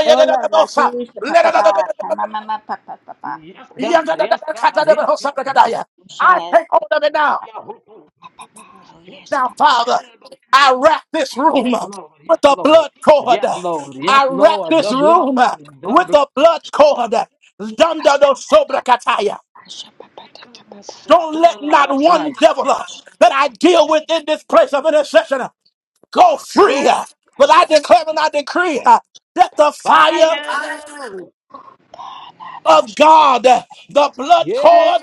Speaker 3: Hola, la chica, papa, papa, mama, papa, papa.
Speaker 2: Yes, God, yes, God, yes, God.
Speaker 1: I
Speaker 3: Ushala,
Speaker 1: take hold of it now.
Speaker 2: Yeah, we can- we can
Speaker 3: papa, oh
Speaker 2: stick
Speaker 3: yes,
Speaker 2: to
Speaker 1: Now,
Speaker 3: papa,
Speaker 1: Father,
Speaker 2: little bit.
Speaker 1: I wrap this
Speaker 2: Yes,
Speaker 1: room up
Speaker 2: Lord.
Speaker 1: with
Speaker 2: Yes,
Speaker 1: the
Speaker 2: Lord.
Speaker 1: blood cord.
Speaker 2: Yes, Lord. Yes,
Speaker 1: I wrap
Speaker 2: Lord.
Speaker 1: this
Speaker 2: The blood.
Speaker 1: room up
Speaker 2: The
Speaker 1: with
Speaker 2: blood.
Speaker 1: the blood cord.
Speaker 3: asha, papa,
Speaker 1: Dandadosobrakataya.
Speaker 3: asha, papa,
Speaker 2: It
Speaker 3: taka, papa,
Speaker 2: comes
Speaker 1: Don't
Speaker 2: upon
Speaker 1: let
Speaker 2: the
Speaker 1: not one
Speaker 2: Messiah.
Speaker 1: devil uh, that I deal with in this place of intercession go free.
Speaker 2: Yeah.
Speaker 1: uh, But
Speaker 3: asha,
Speaker 1: I declare and I decree uh, that the fire
Speaker 2: Fire.
Speaker 3: papa, na, na,
Speaker 1: of
Speaker 3: asha,
Speaker 1: God, the
Speaker 3: yes,
Speaker 1: blood cord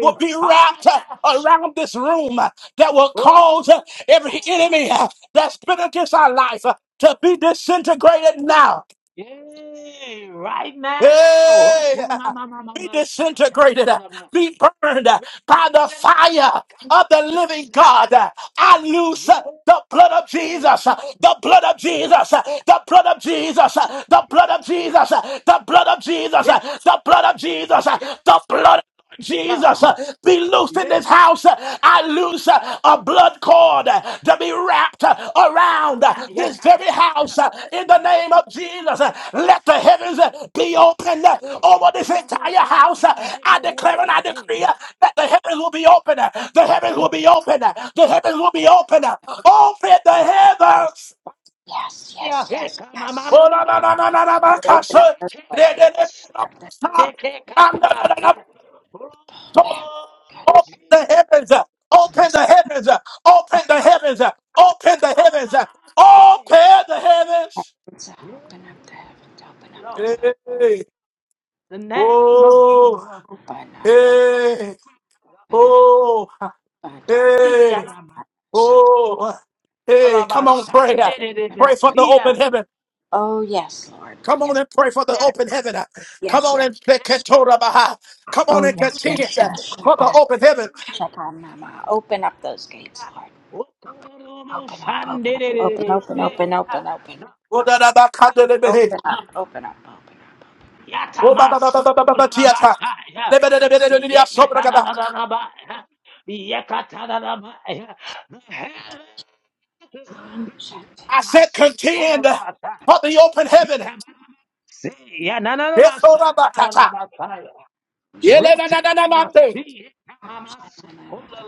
Speaker 1: will be wrapped
Speaker 2: Fire.
Speaker 3: asha.
Speaker 1: around this room that will
Speaker 2: Oh,
Speaker 1: cause every
Speaker 2: God.
Speaker 1: enemy that's been against our life to be disintegrated now.
Speaker 2: Yay. Right now.
Speaker 1: Hey!
Speaker 2: Oh, my, my, my, my,
Speaker 1: Be
Speaker 2: my.
Speaker 1: disintegrated, be burned by the
Speaker 2: Yeah.
Speaker 1: fire of the living God. I loose the blood of Jesus, the blood of Jesus, the blood of Jesus, the blood of Jesus, the blood of Jesus,
Speaker 2: Yeah.
Speaker 1: the blood of Jesus,
Speaker 2: Yeah.
Speaker 1: the blood of Jesus,
Speaker 2: yeah.
Speaker 1: be loosed in
Speaker 2: Yeah,
Speaker 1: this house. I loose a blood cord. To be wrapped around
Speaker 2: yeah, yeah, yeah,
Speaker 1: this very house in the name of
Speaker 2: yeah.
Speaker 1: Jesus, let the heavens be
Speaker 2: ya,
Speaker 1: opened over
Speaker 2: yeka,
Speaker 1: this
Speaker 2: nabo,
Speaker 1: entire house.
Speaker 2: kosan, de,
Speaker 1: I
Speaker 2: de, de,
Speaker 1: declare and I
Speaker 2: seke,
Speaker 1: decree
Speaker 2: ya.
Speaker 1: that the heavens will be open. The heavens
Speaker 2: To
Speaker 1: will be open. The heavens will be
Speaker 2: handa,
Speaker 1: open.
Speaker 2: ha,
Speaker 1: Open the heavens.
Speaker 3: yes,
Speaker 2: ya,
Speaker 3: yes, yes.
Speaker 2: heka, ma, ma,
Speaker 3: yes.
Speaker 2: ma, ma, ma, se, ya.
Speaker 3: I'm gonna Open up the
Speaker 2: Yeke, la,
Speaker 3: floodgates,
Speaker 2: la, se,
Speaker 3: open up
Speaker 2: de, ke, kataba, ya.
Speaker 3: the back.
Speaker 2: Oh,
Speaker 1: Open the
Speaker 2: Jesus,
Speaker 1: heavens. Open the
Speaker 2: Jesus,
Speaker 1: heavens. Open the heavens. Open the
Speaker 2: ma, ma, ma,
Speaker 1: heavens.
Speaker 2: ma, se.
Speaker 1: Open the heavens.
Speaker 3: Heavens,
Speaker 2: Yeah,
Speaker 3: open up the heavens, open up
Speaker 2: Lord,
Speaker 3: the flood,
Speaker 1: Hey.
Speaker 2: the name of
Speaker 1: Oh.
Speaker 2: Jesus.
Speaker 3: open up, open
Speaker 2: Lord,
Speaker 1: Hey.
Speaker 3: up,
Speaker 1: Oh.
Speaker 3: open up,
Speaker 2: yeah, yeah, yeah,
Speaker 1: Hey.
Speaker 2: ma, ma.
Speaker 1: Oh. Hey. Come on, pray.
Speaker 2: Alabashande, de, de,
Speaker 3: open
Speaker 2: de,
Speaker 1: Pray
Speaker 3: up
Speaker 1: for
Speaker 3: the
Speaker 1: the
Speaker 2: yeah.
Speaker 1: open heaven.
Speaker 3: Oh yes, Lord,
Speaker 1: Come on
Speaker 3: yes,
Speaker 1: and pray for the
Speaker 3: yes,
Speaker 1: open
Speaker 2: Yeah.
Speaker 1: heaven. Come
Speaker 3: yes.
Speaker 1: on
Speaker 3: yes.
Speaker 1: and pray.
Speaker 2: Yes,
Speaker 1: Come
Speaker 2: that's
Speaker 3: Oh
Speaker 1: on and
Speaker 3: yes,
Speaker 1: continue
Speaker 3: yes, yes.
Speaker 2: Lord.
Speaker 1: for the
Speaker 3: Shabbat,
Speaker 1: open
Speaker 2: Yes,
Speaker 1: heaven.
Speaker 2: Lord.
Speaker 3: Shabbat, Mama. Open up those gates, Lord. Open up, open up, open, open, open, open, open, open, open up, open up, open up.
Speaker 1: I
Speaker 2: The heavens is
Speaker 3: Shut
Speaker 2: open.
Speaker 3: it,
Speaker 1: said contend
Speaker 2: Masokolabata.
Speaker 1: for the open heaven.
Speaker 2: Ikababa. Say, yeah, na na na masha, na na na masha.
Speaker 3: shut it,
Speaker 2: Retin must be,
Speaker 3: shut
Speaker 2: mama
Speaker 3: it,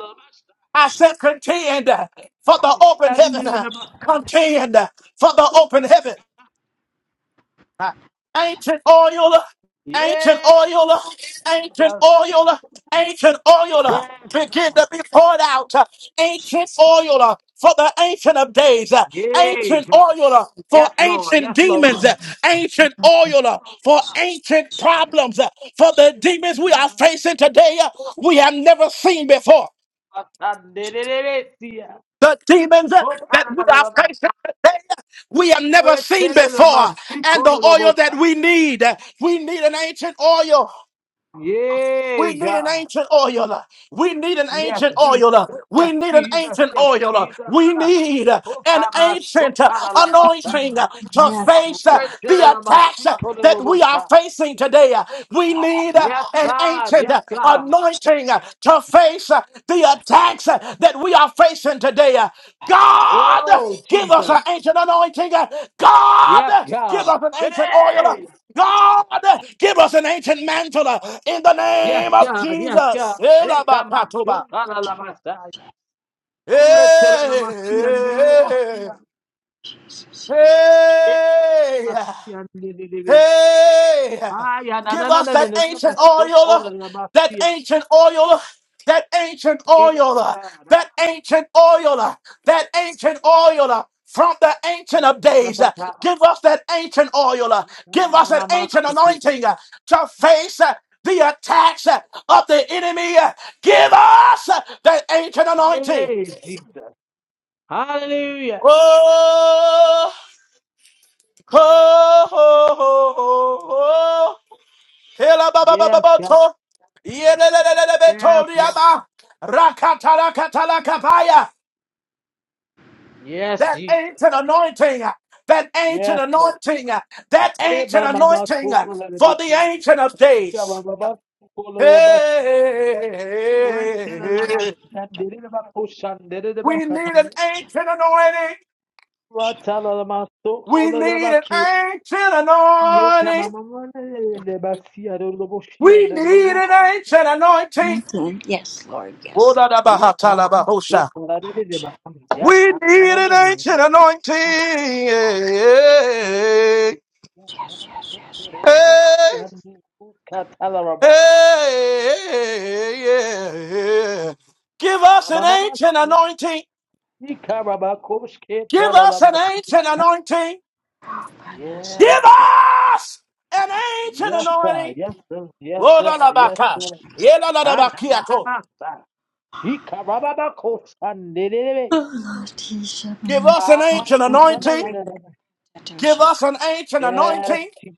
Speaker 1: I said contend for the
Speaker 2: If he
Speaker 1: open
Speaker 2: hadn't did it
Speaker 1: heaven.
Speaker 2: about
Speaker 1: Contend for the open heaven.
Speaker 3: shut it.
Speaker 1: ancient oil, ancient
Speaker 2: Yes,
Speaker 1: oil, ancient
Speaker 2: Jesus.
Speaker 1: oil, ancient oil.
Speaker 2: Yes,
Speaker 1: Begin
Speaker 2: God.
Speaker 1: to be poured out. Ancient oil for the ancient of days.
Speaker 2: Yay,
Speaker 1: Ancient
Speaker 2: God.
Speaker 1: oil for
Speaker 2: Yes, Lord.
Speaker 1: ancient
Speaker 2: Yes,
Speaker 1: demons.
Speaker 2: Lord.
Speaker 1: Ancient oil for ancient problems. For the demons we are facing today, we have never seen before the demons uh, that we are facing today, uh, we have never seen before. And the oil that we need, uh, we need an ancient oil. We
Speaker 2: Yay,
Speaker 1: need an
Speaker 2: God.
Speaker 1: ancient oil. We need an
Speaker 2: Yes,
Speaker 1: ancient
Speaker 2: Jesus.
Speaker 1: oil. We
Speaker 2: Yes,
Speaker 1: need an
Speaker 2: Jesus.
Speaker 1: ancient
Speaker 2: Yes,
Speaker 1: oil.
Speaker 2: Jesus.
Speaker 1: We need
Speaker 2: Oh,
Speaker 1: an
Speaker 2: come us. Oh,
Speaker 1: ancient anointing to
Speaker 3: Yes,
Speaker 1: face
Speaker 3: Lord.
Speaker 1: the attacks that we are facing today. We need
Speaker 2: Yes,
Speaker 1: an
Speaker 3: Shabbat,
Speaker 2: God.
Speaker 1: ancient
Speaker 2: Yes, God.
Speaker 1: anointing to face the
Speaker 3: Shabbat,
Speaker 1: attacks that we are facing today. God,
Speaker 2: Oh,
Speaker 1: give us
Speaker 2: Jesus.
Speaker 1: an ancient anointing. God,
Speaker 2: Yes,
Speaker 1: give
Speaker 2: God.
Speaker 1: us an ancient oil.
Speaker 2: Hey!
Speaker 1: God, give us an ancient mantle uh, in the
Speaker 2: Yes,
Speaker 1: name of
Speaker 2: God. Yes,
Speaker 1: Jesus.
Speaker 2: God. Hey, come on.
Speaker 1: Elabakatoba.
Speaker 2: You call a la Messiah. Retell a la Messiah. and the Lord
Speaker 1: Hey,
Speaker 2: Messiah. Hey,
Speaker 1: hey, hey.
Speaker 2: Messiah, and the living.
Speaker 1: Hey,
Speaker 2: Ah, yeah, na, na,
Speaker 1: give
Speaker 2: na,
Speaker 1: us
Speaker 2: na, na,
Speaker 1: that
Speaker 2: na, na,
Speaker 1: ancient
Speaker 2: na, so, oh,
Speaker 1: oil,
Speaker 2: la, la,
Speaker 1: that
Speaker 2: Messiah.
Speaker 1: ancient oil, that ancient
Speaker 2: Eh,
Speaker 1: oil,
Speaker 2: na, na,
Speaker 1: that ancient oil, that ancient oil. From the ancient
Speaker 2: na,
Speaker 1: of
Speaker 2: ta, ta,
Speaker 1: days,
Speaker 2: ta, ta.
Speaker 1: give us that ancient oil,
Speaker 2: Eh, na,
Speaker 1: give us
Speaker 2: na, na,
Speaker 1: that
Speaker 2: na, na,
Speaker 1: ancient
Speaker 2: so, cool.
Speaker 1: anointing to face the attacks of the enemy. Give us that ancient anointing.
Speaker 2: Yay, Jesus. Hallelujah.
Speaker 1: Oh, oh, oh, oh, oh, oh, oh. Kela baba
Speaker 2: Yes,
Speaker 1: baba
Speaker 2: God,
Speaker 1: boto.
Speaker 2: yes, Lord.
Speaker 1: Yelelelelelebetoriaba. Rakatarakatalakapaya.
Speaker 2: Yes,
Speaker 1: That
Speaker 2: Jesus.
Speaker 1: ancient anointing, uh, that ancient
Speaker 2: Yes, Lord.
Speaker 1: anointing, uh, that
Speaker 2: Yine
Speaker 1: ancient
Speaker 2: mama na
Speaker 1: anointing uh,
Speaker 2: topraları
Speaker 1: for the
Speaker 2: bekleyin.
Speaker 1: ancient of days.
Speaker 2: Yavana bas, kolala bas,
Speaker 1: Hey,
Speaker 2: rentelala bas, kendine bak, koşandere de bak,
Speaker 1: we need an
Speaker 2: kasiye.
Speaker 1: ancient anointing.
Speaker 2: Vatalala bas,
Speaker 1: We
Speaker 2: kolala
Speaker 1: need
Speaker 2: bak
Speaker 1: an
Speaker 2: ki,
Speaker 1: ancient
Speaker 2: yeke
Speaker 1: anointing.
Speaker 2: mama ne bas, yarılı boş,
Speaker 1: We
Speaker 2: yarılı
Speaker 1: need an
Speaker 2: boş.
Speaker 1: ancient anointing.
Speaker 3: mountain. Yes, Lord. Yes.
Speaker 2: Yeke mama, topraları de
Speaker 3: Lord.
Speaker 2: bak, ya
Speaker 1: We need an
Speaker 2: tananın,
Speaker 1: ancient anointing. Hey,
Speaker 3: Yes, yes, yes, yes, Lord.
Speaker 1: hey, hey, yeah. Give us an ancient anointing. Give us an ancient anointing. Give
Speaker 2: Yes,
Speaker 1: us an ancient
Speaker 2: Yes, sir.
Speaker 1: anointing.
Speaker 2: Yes, sir. Yes, sir. Yes,
Speaker 1: Wodalabaka.
Speaker 2: sir. Ah, na na na
Speaker 1: Yelalalabakiako.
Speaker 2: na. sir. He karababa kosandelebe.
Speaker 3: Oh, Lord, teach us, my
Speaker 1: Give
Speaker 3: Lord.
Speaker 1: us an
Speaker 2: Ah,
Speaker 3: Yes,
Speaker 1: ancient
Speaker 2: na
Speaker 3: thank
Speaker 2: na
Speaker 3: you,
Speaker 2: na
Speaker 1: anointing.
Speaker 3: my
Speaker 2: na na. na.
Speaker 1: Give
Speaker 3: Lord.
Speaker 1: us an ancient
Speaker 2: Yes,
Speaker 1: anointing.
Speaker 2: he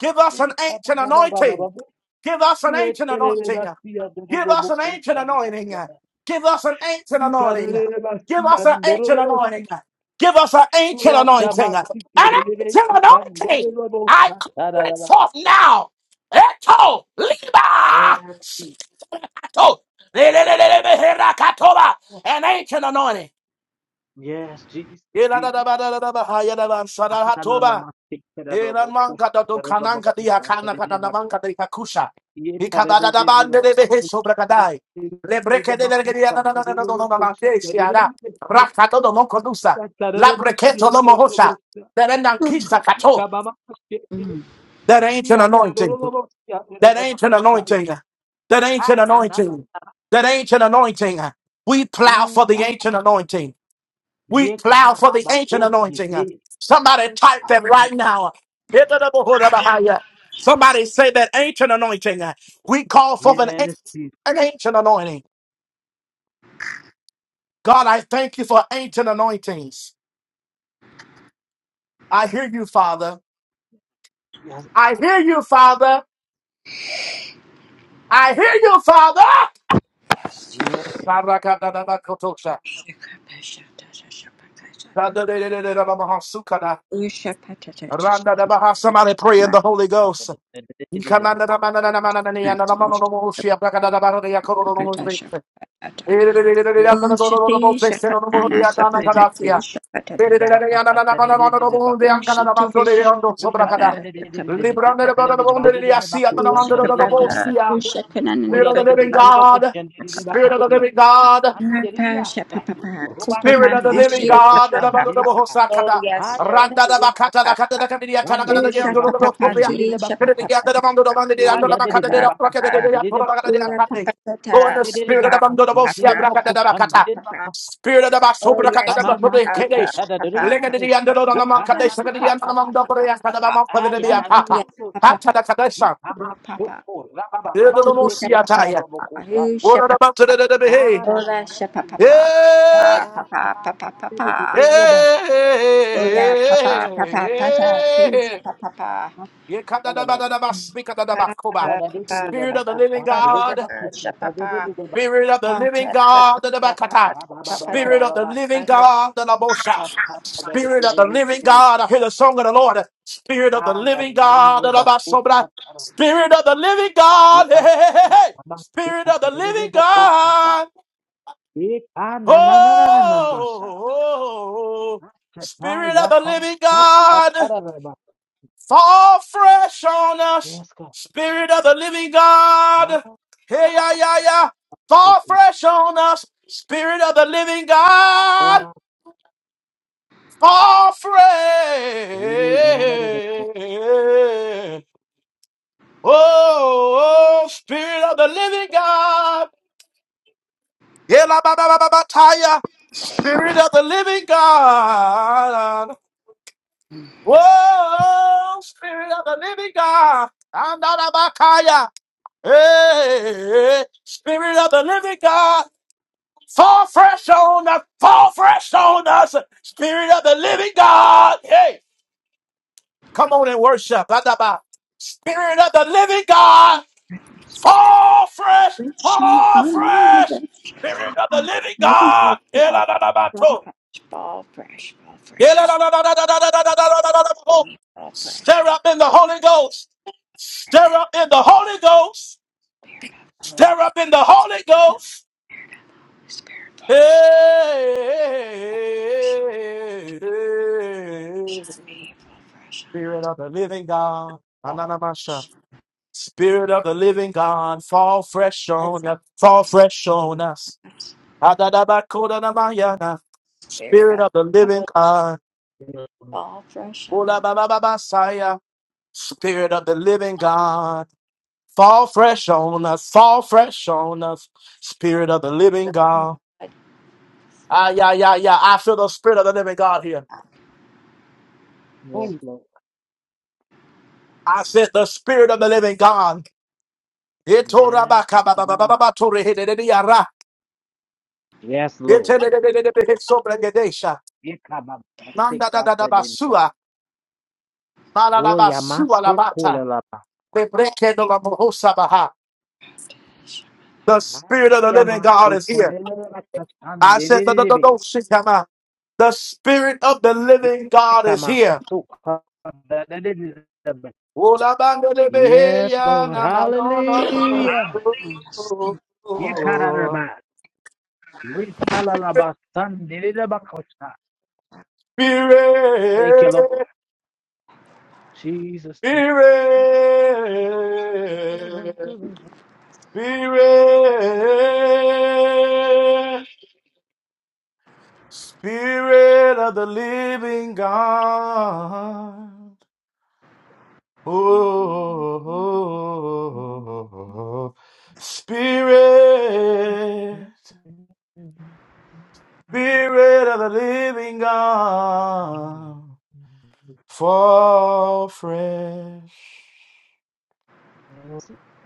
Speaker 1: Give us an
Speaker 2: he
Speaker 1: ancient anointing.
Speaker 2: karababa
Speaker 1: Give us an ancient anointing.
Speaker 2: Reteleba siya
Speaker 1: Give us
Speaker 2: ndorobo
Speaker 1: an ancient anointing.
Speaker 2: kosandelebe.
Speaker 1: Give us an ancient
Speaker 2: He
Speaker 1: anointing.
Speaker 2: karababa
Speaker 1: Give us
Speaker 2: siya
Speaker 1: an ancient
Speaker 2: ndorobo
Speaker 1: anointing.
Speaker 2: shi.
Speaker 1: Give us an ancient anointing.
Speaker 2: Ratama
Speaker 1: An
Speaker 2: sikelebe
Speaker 1: ancient anointing.
Speaker 2: kisandorobo
Speaker 1: I call it
Speaker 2: satarala.
Speaker 1: forth now. Eto liba.
Speaker 2: Yes, he.
Speaker 1: Shikato. Lelelelelebehera katoba. An ancient anointing.
Speaker 2: Yes, Jesus. Yes, yes,
Speaker 1: Yeladadabadadabahayadabansadahatoba.
Speaker 2: God.
Speaker 1: Eran manka da do kananka di hakana kada na manka di kakusha. Ikada da da bande de behe sobra kadai. Le breke de lerge di na na na na na na na manke siara. Rakato do monko dusa. La breketo do mohosha. That ain't an kista kato.
Speaker 3: Mm.
Speaker 1: That ain't an anointing. That ain't an anointing. That ain't an anointing. That ain't an anointing. We plow for the ancient anointing. We plow for the ancient anointing. Somebody type that right now. Somebody say that ancient anointing. We call for an, an ancient anointing. God, I thank you for ancient anointings. I hear you, Father. I hear you, Father. I hear you, Father. Somebody pray in the Holy Ghost. Spirit of the
Speaker 2: Yes, God. Roba
Speaker 3: Oh, Shakapapa,
Speaker 1: living
Speaker 3: Shakananikapapa,
Speaker 1: God, Spirit of
Speaker 3: Shakapapa,
Speaker 1: the living God,
Speaker 3: Shapapa,
Speaker 1: Spirit of the
Speaker 3: Kupamama,
Speaker 1: living God. da- da-
Speaker 3: Shakapapa. Oh, yes, Lord.
Speaker 1: Randa da bakata da
Speaker 3: Kapapa.
Speaker 1: kata da kami dia tana kata da
Speaker 3: Oh,
Speaker 1: dia
Speaker 3: Shakapapati, Shapapapata,
Speaker 1: mando da mando dia ndo bakata dia
Speaker 3: Pata,
Speaker 1: da braka da dia
Speaker 3: Papa,
Speaker 1: da
Speaker 3: Ula
Speaker 1: Go in
Speaker 3: Papatata,
Speaker 1: the spirit of the
Speaker 3: Papa,
Speaker 1: mando da bosia braka da
Speaker 3: Papa,
Speaker 1: bakata.
Speaker 3: Papa.
Speaker 1: Spirit of the baso
Speaker 3: Oh,
Speaker 1: braka da
Speaker 3: yes,
Speaker 1: da baso
Speaker 3: Papa,
Speaker 1: de
Speaker 3: Papa,
Speaker 1: kedesh.
Speaker 3: Papa,
Speaker 1: Lega
Speaker 3: Papa,
Speaker 1: da dia ndo da
Speaker 3: Papa, Papa,
Speaker 1: mando kore ya kata da
Speaker 3: Papa. Oh,
Speaker 1: kata.
Speaker 3: yes,
Speaker 1: Kata
Speaker 3: Papa,
Speaker 1: da kata sa.
Speaker 3: Papa,
Speaker 2: Ikamasoko
Speaker 3: papa, tisha, papa,
Speaker 1: taya.
Speaker 3: papa,
Speaker 2: rababababasheketarababokosha.
Speaker 3: tisha,
Speaker 1: Ora da ba da
Speaker 3: papa,
Speaker 2: Ah, na, na,
Speaker 3: ola,
Speaker 2: na, na,
Speaker 3: Shepa,
Speaker 2: na.
Speaker 3: papa,
Speaker 1: hey.
Speaker 3: papa,
Speaker 2: Ah, ah,
Speaker 3: papa,
Speaker 2: na,
Speaker 3: papa,
Speaker 2: na, na, na,
Speaker 3: papa,
Speaker 2: na,
Speaker 3: oya, papa, papa, pata,
Speaker 1: Hey!
Speaker 3: tisha, papa,
Speaker 2: na. Na, na, na, na.
Speaker 1: Yekadadabadadaba,
Speaker 3: papa,
Speaker 1: spikadadabakoba.
Speaker 2: Na, na,
Speaker 3: papa,
Speaker 2: na, na,
Speaker 3: papa,
Speaker 2: na,
Speaker 1: Spirit
Speaker 2: na,
Speaker 1: of the living
Speaker 2: kosha.
Speaker 3: papa,
Speaker 2: Na, na, na,
Speaker 3: papa,
Speaker 1: God,
Speaker 2: na, kosha. Na,
Speaker 3: tisha,
Speaker 2: na,
Speaker 3: papa,
Speaker 2: na, na, na.
Speaker 1: Spirit of the
Speaker 3: papa,
Speaker 1: living
Speaker 3: Shepa,
Speaker 1: God, the dadabakata.
Speaker 3: papa,
Speaker 2: Ba, ba, ba, ba,
Speaker 3: papa,
Speaker 2: ba,
Speaker 3: papa,
Speaker 1: Spirit
Speaker 2: ba,
Speaker 1: of
Speaker 2: ba,
Speaker 1: the
Speaker 2: ba.
Speaker 1: living
Speaker 3: papa,
Speaker 1: God, the dadabosha.
Speaker 2: Ah, ah, na, na,
Speaker 1: Spirit
Speaker 2: na,
Speaker 1: of
Speaker 2: na,
Speaker 1: the living
Speaker 2: na.
Speaker 1: God, I hear the song of the Lord. Spirit of the
Speaker 2: Ah, na,
Speaker 1: living
Speaker 2: na, na, na,
Speaker 1: God,
Speaker 2: na,
Speaker 1: the
Speaker 2: na, kosha.
Speaker 1: dadabasobra. Spirit of the living God, hey, hey, hey, hey.
Speaker 2: Ikamasoko,
Speaker 1: hey. Spirit of the living
Speaker 2: ikamasoko,
Speaker 1: God,
Speaker 2: ika, na, na, na,
Speaker 1: oh,
Speaker 2: na, na, na,
Speaker 1: oh,
Speaker 2: masha.
Speaker 1: oh, oh, oh.
Speaker 2: Masha, na,
Speaker 1: Spirit of
Speaker 2: ya,
Speaker 1: the
Speaker 2: ko,
Speaker 1: living
Speaker 2: mo,
Speaker 1: God.
Speaker 2: katara, na, na.
Speaker 1: Fall fresh on us,
Speaker 2: Yes, God.
Speaker 1: Spirit of the Living God.
Speaker 2: Hallelujah!
Speaker 1: Hey, yeah, yeah, yeah. Fall fresh on us, Spirit of the Living God. Fall fresh. Oh, oh, Spirit of the Living God. Yeah, la, ba, ba, ba, ba, ba, taya. Spirit of the Living God. Whoa, Spirit of the Living God. Andalabakaya.
Speaker 3: we shall honor the best living earth for all Ball fresh, ball fresh, ball fresh, ball fresh, ball fresh. Spirit of the Holy Spirit, fall fresh
Speaker 1: Hey,
Speaker 3: on me, fall fresh on
Speaker 1: Spirit
Speaker 3: us,
Speaker 1: of the living God.
Speaker 3: fall
Speaker 1: Ananamasha.
Speaker 3: fresh
Speaker 1: Spirit of the living God, fall fresh on us,
Speaker 3: on
Speaker 1: fall fresh on us.
Speaker 3: us.
Speaker 1: Adadabakodanamayana.
Speaker 3: Spirit
Speaker 1: Spirit
Speaker 3: of
Speaker 1: of the living
Speaker 3: heaven,
Speaker 1: God,
Speaker 3: fall fresh on
Speaker 1: Olabababasaya. Spirit of the living God, fall fresh on us, fall fresh on us. Spirit of the living
Speaker 3: us.
Speaker 1: God,
Speaker 3: God,
Speaker 1: ah yeah yeah yeah. I feel the spirit of the living God here.
Speaker 3: fall
Speaker 2: Yes, Lord.
Speaker 1: I said, the spirit of the living God.
Speaker 2: Yes, Hallelujah!
Speaker 1: Itorabakababababatoreherediara.
Speaker 2: Yes, Lord.
Speaker 1: Itenededededebehesobregedesha.
Speaker 2: You cannot mistake God's name.
Speaker 1: Mandadadadabasua.
Speaker 2: Oh, you
Speaker 1: Malalabasua
Speaker 2: must call it
Speaker 1: labata.
Speaker 2: Allah.
Speaker 1: Bebrekedolamohosabaha. The
Speaker 2: Ah,
Speaker 1: spirit of the
Speaker 2: you
Speaker 1: living
Speaker 2: must
Speaker 1: God is
Speaker 2: call
Speaker 1: here.
Speaker 2: it
Speaker 1: I said, the, the, the, the, shikama. the spirit of the living God is here.
Speaker 2: the name. Yes, Lord.
Speaker 1: Olabandedebeheyanamanono.
Speaker 2: Hallelujah! Ikararaba. Rikalalaba. San dededeba kosha. Thank You cannot about. We call on the
Speaker 1: Spirit.
Speaker 2: name. Yes, Lord. Hallelujah!
Speaker 1: Spirit, Spirit, Spirit of the living God. Oh, Spirit, Spirit of the living God. Fall fresh,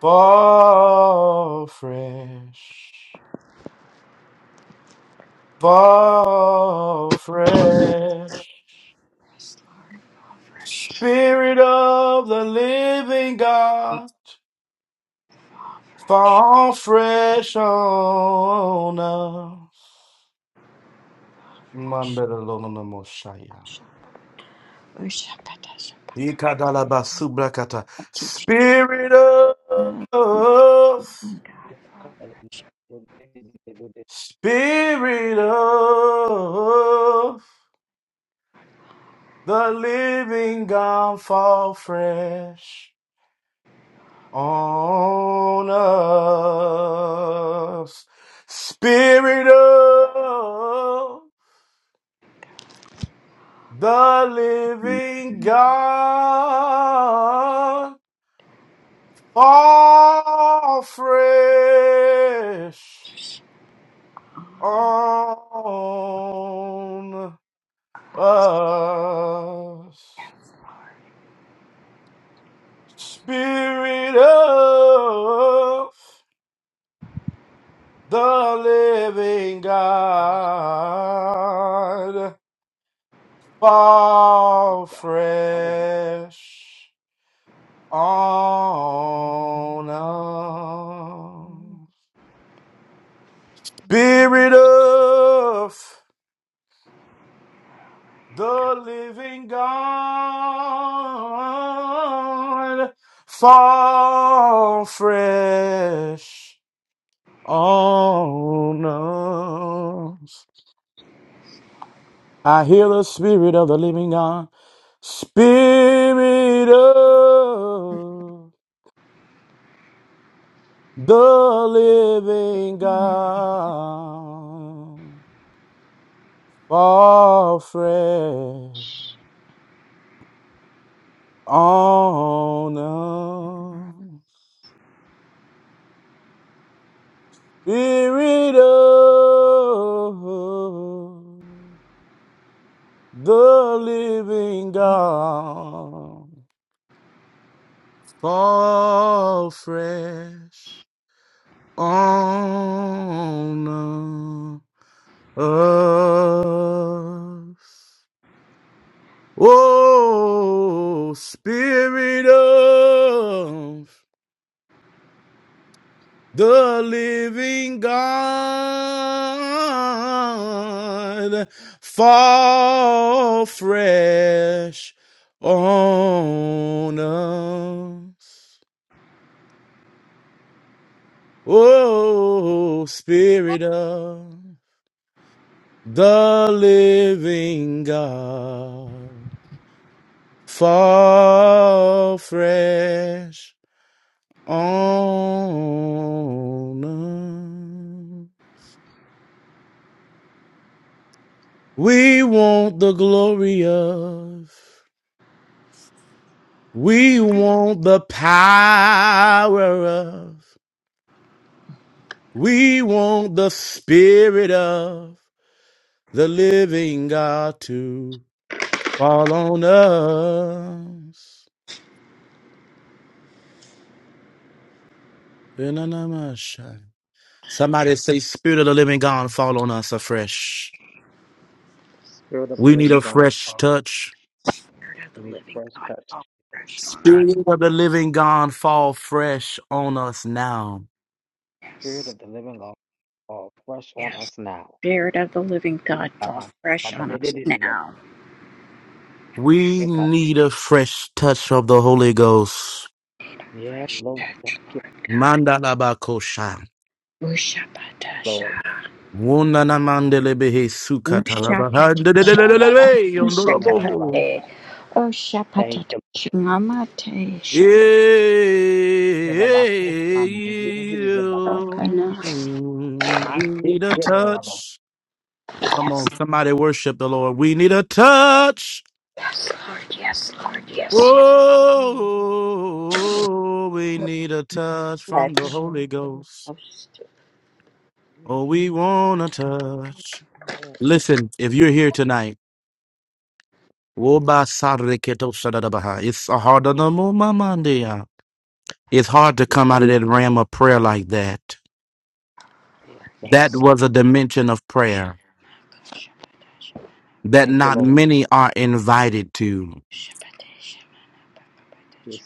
Speaker 1: fall fresh. fall fresh.
Speaker 3: fresh.
Speaker 1: Spirit of the living God, fall fresh on us. Mandalolomoshaya.
Speaker 3: Worship at us, God,
Speaker 2: Spirit
Speaker 1: Ikadalabasubrakata.
Speaker 3: teach
Speaker 1: Spirit of,
Speaker 3: God, fall
Speaker 1: Spirit of the living God, fall fresh. on us. Spirit of the living God, fall fresh on us. Spirit of the living God Fall fresh on us. Spirit of the living God. Fall fresh on us. I hear the spirit of the living God. Spirit of the living God, fall fresh on us. Spirit of the living God, fall fresh on us. Oh, Spirit of the Living God, fall fresh on us. Oh, Spirit of the Living God, fall fresh on. We want the glory of. We want the power of. We want the spirit of the living God to fall on us. Benanamasha. Somebody say, Spirit of the living God, fall on us afresh.
Speaker 2: of the
Speaker 1: We need
Speaker 2: living
Speaker 1: a
Speaker 2: God,
Speaker 1: fresh
Speaker 2: fall.
Speaker 1: touch.
Speaker 3: Spirit of
Speaker 2: We
Speaker 3: the
Speaker 2: need
Speaker 3: living
Speaker 2: fresh
Speaker 3: God,
Speaker 2: touch.
Speaker 3: fall fresh on us.
Speaker 1: Spirit of the living God, fall fresh on us now.
Speaker 2: Spirit
Speaker 3: Yes,
Speaker 2: of the living God, fall fresh on
Speaker 3: yes.
Speaker 2: us now.
Speaker 3: Spirit of the living God, fall fresh on us now.
Speaker 1: We need a fresh touch of the Holy Ghost.
Speaker 2: Yes,
Speaker 3: Fresh
Speaker 2: Lord. Thank
Speaker 3: touch,
Speaker 2: you,
Speaker 3: Lord God.
Speaker 1: Mandalabakosha.
Speaker 3: Worship at us,
Speaker 2: Lord.
Speaker 3: God.
Speaker 1: Wundanamandelebehe
Speaker 2: Oh,
Speaker 1: sukatalabaha. Ndelelelelelebe, yondoloboho.
Speaker 3: Shakatate. Oh,
Speaker 2: thank
Speaker 3: Shapatate.
Speaker 2: you,
Speaker 3: Shamate.
Speaker 1: Yeah.
Speaker 3: Shapakana.
Speaker 1: We need a touch. Come on, somebody worship the Lord. We need a touch
Speaker 3: Yes, Lord. Yes, Lord. Yes, yes.
Speaker 1: Oh, we need a touch from the
Speaker 3: Touch.
Speaker 1: Holy Ghost.
Speaker 3: Oh, stu-
Speaker 1: Oh, we want a touch. Listen, if you're here tonight, woba sariketo shadadabaha. it's a hard on the mumamandia. It's hard to come out of that realm of prayer like that. That was a dimension of prayer
Speaker 3: Shapate,
Speaker 1: that not many are invited to.
Speaker 3: shapate, shamana, pakapate,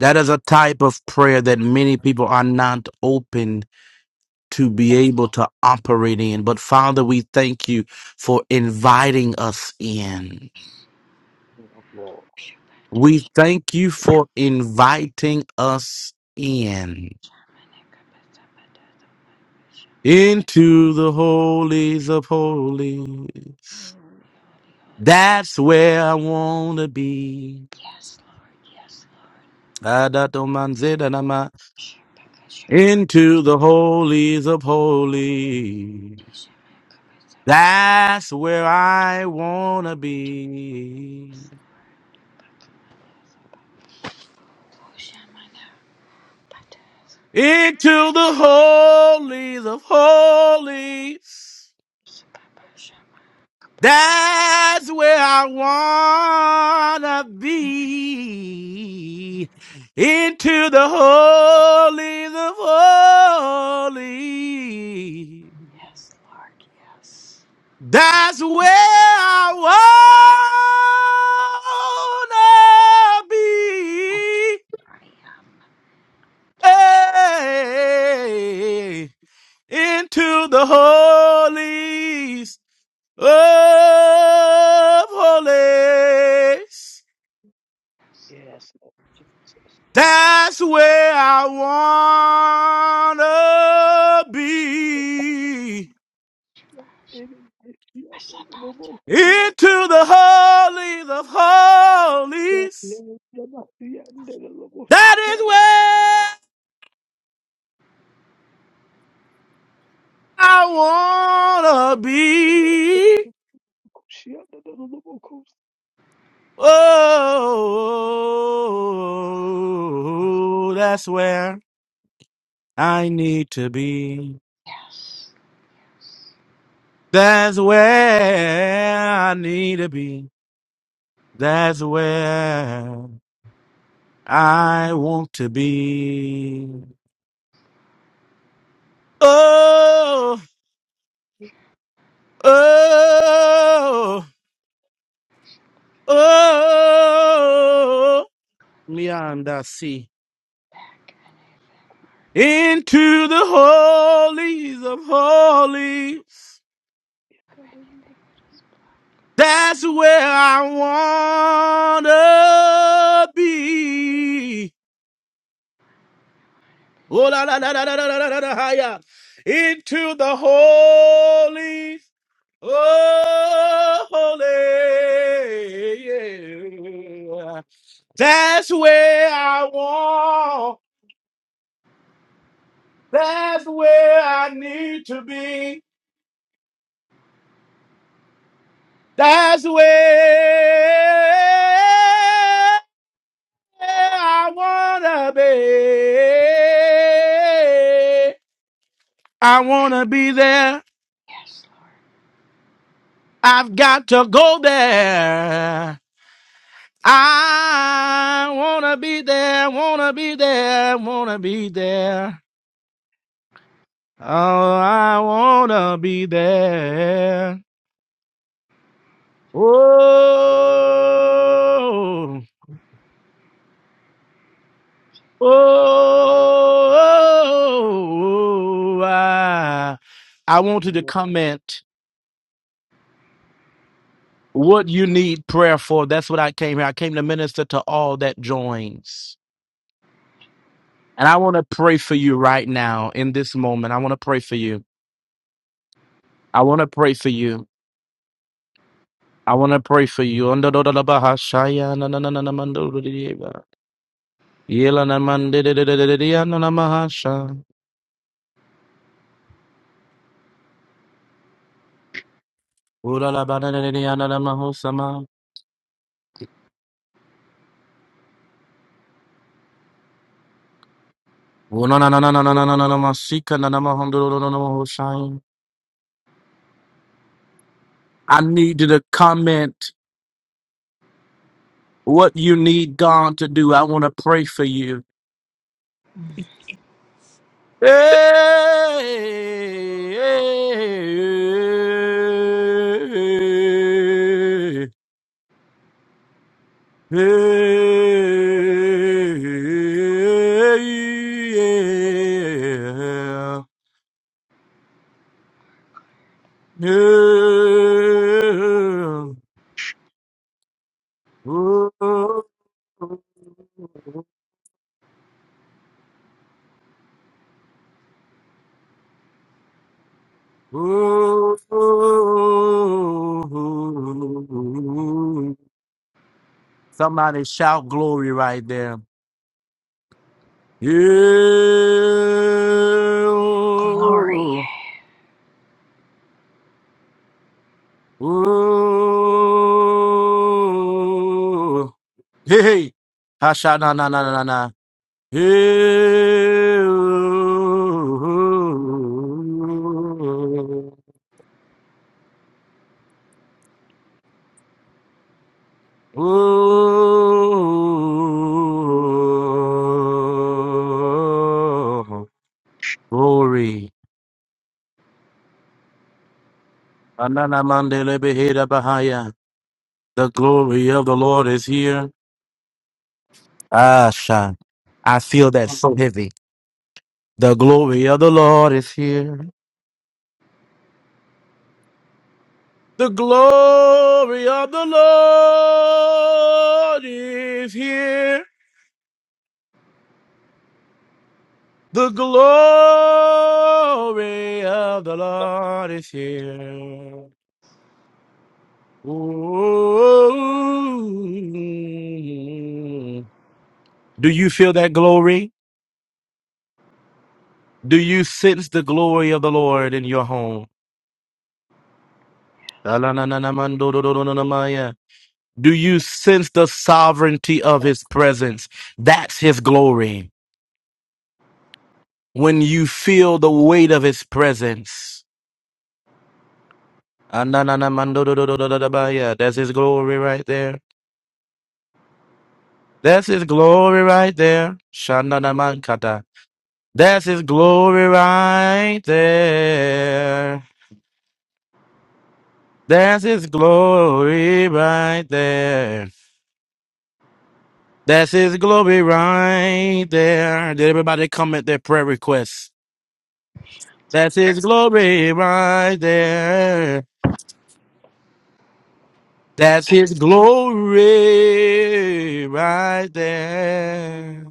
Speaker 1: That is a type of prayer that many people are not open to be able to operate in. But Father, we thank you for inviting us in.
Speaker 2: Lord.
Speaker 3: shapate,
Speaker 1: We thank you for inviting us in
Speaker 3: shamana, kapasapate, shamani.
Speaker 1: into the holies of holies. That's where I want to be.
Speaker 3: Yes, Lord. Yes, Lord.
Speaker 1: Adatomanzedanama.
Speaker 3: Shapaka, shamani,
Speaker 1: Into the holies of holies.
Speaker 3: shamana, kapasapate.
Speaker 1: That's where I want to be.
Speaker 3: Oh, shamana, pate,
Speaker 1: into the holies of holies.
Speaker 3: shapapa, shaman.
Speaker 1: That's where I wanna be. Into the holies of holies.
Speaker 3: Yes, Lord. Yes.
Speaker 1: That's where I wanna
Speaker 3: Oh,
Speaker 1: be.
Speaker 3: I am
Speaker 1: Hey, into the holies of holies.
Speaker 2: Yes,
Speaker 1: That's where I wanna be.
Speaker 3: a Sabbath.
Speaker 1: Into the holies of holies. That is where I wanna
Speaker 2: Lord.
Speaker 1: be.
Speaker 2: Yes.
Speaker 1: Oh, that's where I need to be.
Speaker 3: Yes.
Speaker 1: That's where I need to be. That's where I want to be. Oh, oh, oh, me and I see
Speaker 3: Back and
Speaker 1: into the holies of holies. That's where I wanna be. Oh la la la la la la la la la, la, yeah. into the holies Oh, holy. yeah. That's where I want. That's where I need to be. That's where I want to be. I want to be there.
Speaker 3: yes,
Speaker 1: I've got to go there. I want to be there. Want to be there. Want to be there. Oh, I wanna be there. Oh, oh, oh, I, I want you to
Speaker 2: Yeah.
Speaker 1: comment what you need prayer for. That's what I came here. I came to minister to all that joins. And I want to pray for you right now in this moment. I want to pray for you. I want to pray for you. I want to pray for you. Yelana mandededededediana namahasha. Ulala bananediana namahosama. Unananananananamasika nanamahondorororororoshain. I need you to comment what you need God to do. I want to pray for you. Hey, hey, hey, yeah. No. Oh, oh, oh, oh. Somebody shout glory right there. Yeah.
Speaker 3: Lord. Glory.
Speaker 1: Oh, oh. Hey, hey. Hasha na na na na na. Hey. Oh, Ooh, glory. Anana mandele beheda bahaya. The glory of the Lord is here. Ah, Shan. I feel that so heavy. The glory of the Lord is here. The glory of the Lord is here. The glory of the Lord is here. Ooh. Do you feel that glory? Do you sense the glory of the Lord in your home? Ta-la-na-na-na-man-do-do-do-do-do-do-maya. Do you sense the sovereignty of his presence? That's his glory. When you feel the weight of his presence. Ah-na-na-na-man-do-do-do-do-do-do-do-maya. That's his glory right there. That's his glory right there. Shananamankata. That's his glory right there. That's his glory right there. That's his glory right there. Did everybody comment their prayer requests? That's his glory right there. That's his glory right there.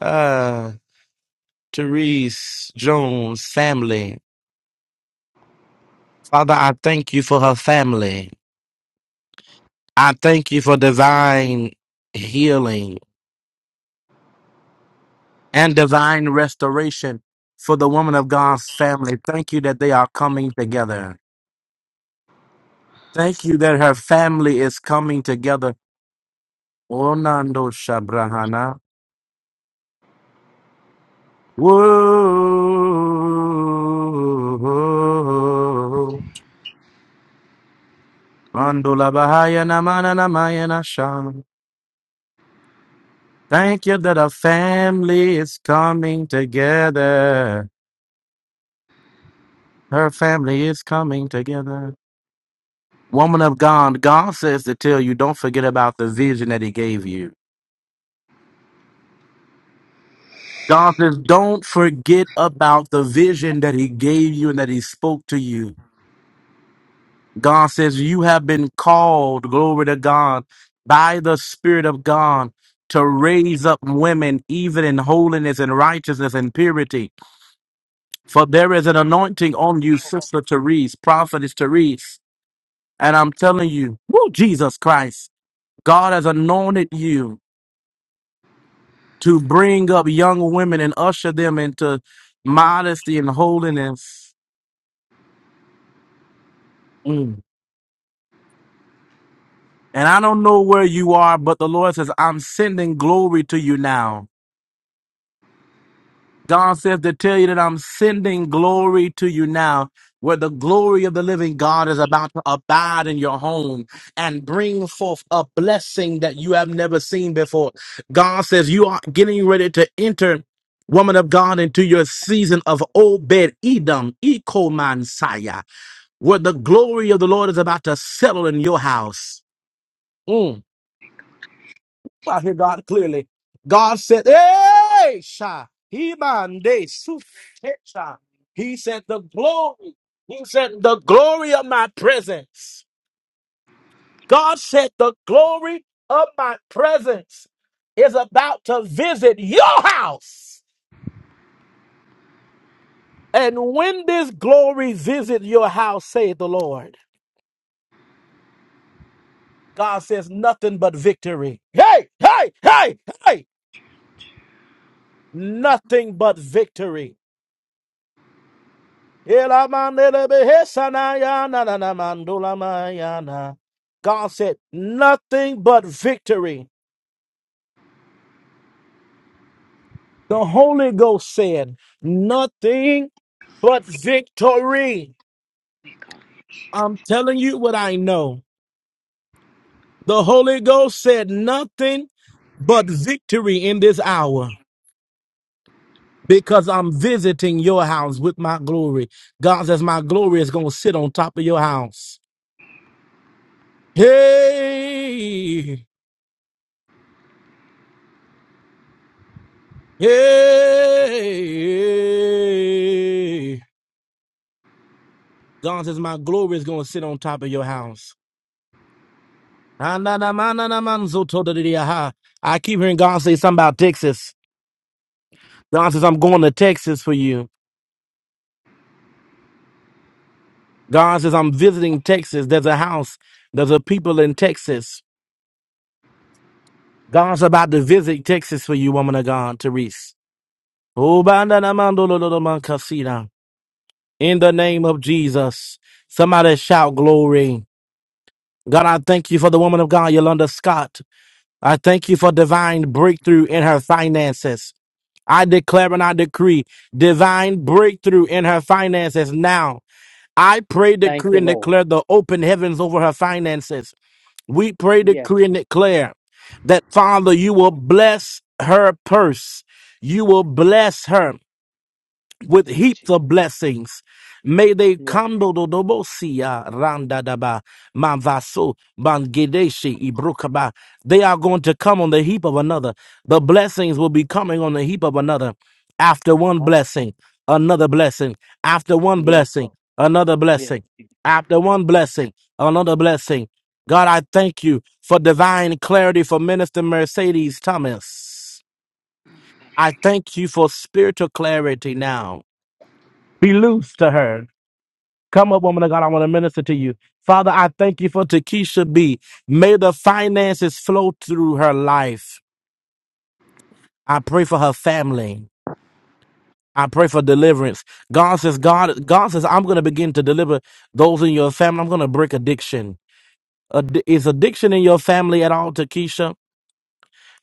Speaker 1: Uh, Therese Jones family. Father, I thank you for her family. I thank you for divine healing. and divine restoration for the woman of God's family. Thank you that they are coming together. Thank you that her family is coming together. Onando Shabrahana. Whoa. Mandula Bahaya Namana Namaya sham. Thank you that her family is coming together. Her family is coming together. Woman of God, God says to tell you, don't forget about the vision that He gave you. God says, don't forget about the vision that He gave you and that He spoke to you. God says, you have been called, glory to God, by the Spirit of God to raise up women, even in holiness and righteousness and purity. For there is an anointing on you, Sister Therese, Prophetess Therese. And I'm telling you, woo, Jesus Christ, God has anointed you to bring up young women and usher them into modesty and holiness. Mm. And I don't know where you are, but the Lord says, I'm sending glory to you now. God says to tell you that I'm sending glory to you now, where the glory of the living God is about to abide in your home and bring forth a blessing that you have never seen before. God says, You are getting ready to enter woman of God, into your season of Obed Edom, Ekomansaya. What the glory of the Lord is about to settle in your house. Mm. I hear God clearly. God said, Hey, Sha, Himande, Su- Te- Sha." He said, The glory. He said, The glory of my presence. God said, The glory of my presence is about to visit your house. And when this glory visits your house, saith the Lord, God says nothing but victory. Hey, hey, hey, hey. nothing but victory. God said, nothing but victory. The Holy Ghost said, nothing but victory.
Speaker 3: We call you.
Speaker 1: I'm telling you what I know. The Holy Ghost said, nothing but victory in this hour because I'm visiting your house with my glory. God says, my glory is going to sit on top of your house. Hey. Hey, God says, My glory is going to sit on top of your house. Ah, na, na, ma, na, na, man, so to da, da, da, ha. I keep hearing God say something about Texas. God says, I'm going to Texas for you. God says, I'm visiting Texas. There's a house, there's a people in Texas. God's about to visit Texas for you, woman of God, Therese. Oh, ba, na, na, man, do, do, do, do, man, casita. In the name of Jesus, somebody shout glory. God, I thank you for the woman of God, Yolanda Scott. I thank you for divine breakthrough in her finances. I declare and I decree divine breakthrough in her finances now. I pray,
Speaker 2: Thank
Speaker 1: decree,
Speaker 2: you,
Speaker 1: and
Speaker 2: Lord.
Speaker 1: declare the open heavens over her finances. We pray,
Speaker 2: Yes,
Speaker 1: decree, and
Speaker 2: Jesus.
Speaker 1: declare that, Father, you will bless her purse. You will bless her with
Speaker 2: Do it,
Speaker 1: heaps
Speaker 2: Jesus.
Speaker 1: of blessings. May they
Speaker 2: Yes,
Speaker 1: kando do dobo siya manvaso bangedeshi ibrukaba. They are going to come on the heap of another. The blessings will be coming on the heap of another. After one
Speaker 2: God.
Speaker 1: blessing, another blessing. After one
Speaker 2: Yes,
Speaker 1: blessing,
Speaker 2: Lord.
Speaker 1: another
Speaker 2: Yes,
Speaker 1: blessing.
Speaker 2: Jesus.
Speaker 1: After one blessing, another blessing. God, I thank you for divine clarity for Minister Mercedes Thomas.
Speaker 2: Thank you.
Speaker 1: I thank you for spiritual clarity now. Be loose to her. Come up, woman of God. I want to minister to you. Father, I thank you for Takesha B. May the finances flow through her life. I pray for her family. I pray for deliverance. God says, God, God says, I'm going to begin to deliver those in your family. I'm going to break addiction. Addi- Is addiction in your family at all, Takesha?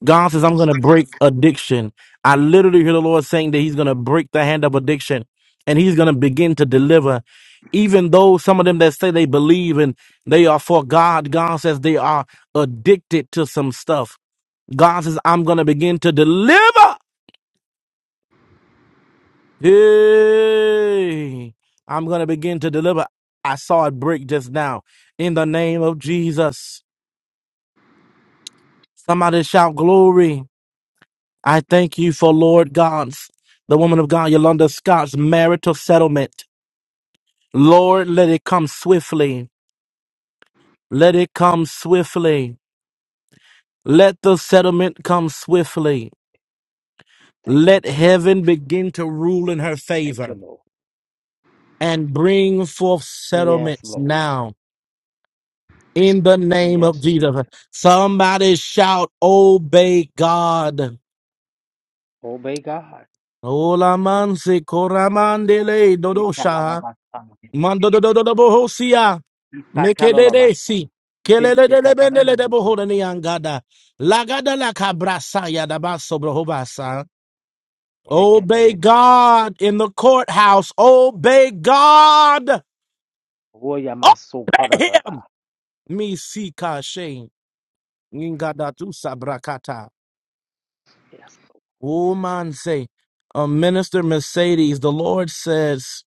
Speaker 1: God says, I'm going to break addiction. I literally hear the Lord saying that He's going to break the hand of addiction and He's going to begin to deliver. Even though some of them that say they believe and they are for God, God says they are addicted to some stuff. God says, I'm going to begin to deliver. Hey, I'm going to begin to deliver. I saw it break just now in the name of Jesus. Somebody shout glory. I thank you for Lord God's, the woman of God, Yolanda Scott's marital settlement. Lord, let it come swiftly. Let it come swiftly. Let the settlement come swiftly.
Speaker 2: Thank you,
Speaker 1: Let
Speaker 2: Lord.
Speaker 1: heaven begin to rule in her
Speaker 2: Thank you,
Speaker 1: favor
Speaker 2: Lord.
Speaker 1: and bring forth
Speaker 2: Yes,
Speaker 1: settlements
Speaker 2: Lord.
Speaker 1: now in the name of
Speaker 2: Yes, Jesus.
Speaker 1: Jesus. Somebody shout, Obey God.
Speaker 2: Obey God.
Speaker 1: Ola manse koramandele dodosha.
Speaker 2: Ikalababasana.
Speaker 1: Mando
Speaker 2: Ikatalababasana.
Speaker 1: Mekedesi. Kelelelebendele de
Speaker 2: Ikeshikatalababoko.
Speaker 1: bohodani angada. Lagada la cabrasaya da baso brohobasa. Obey
Speaker 2: Ikadadadi.
Speaker 1: God in the courthouse. Obey God. Obey him.
Speaker 2: Oyamasokarababa.
Speaker 1: Me sika shame. Ngada tu sabrakata.
Speaker 2: Yes, Lord.
Speaker 1: Woman say, uh, Minister Mercedes, the Lord says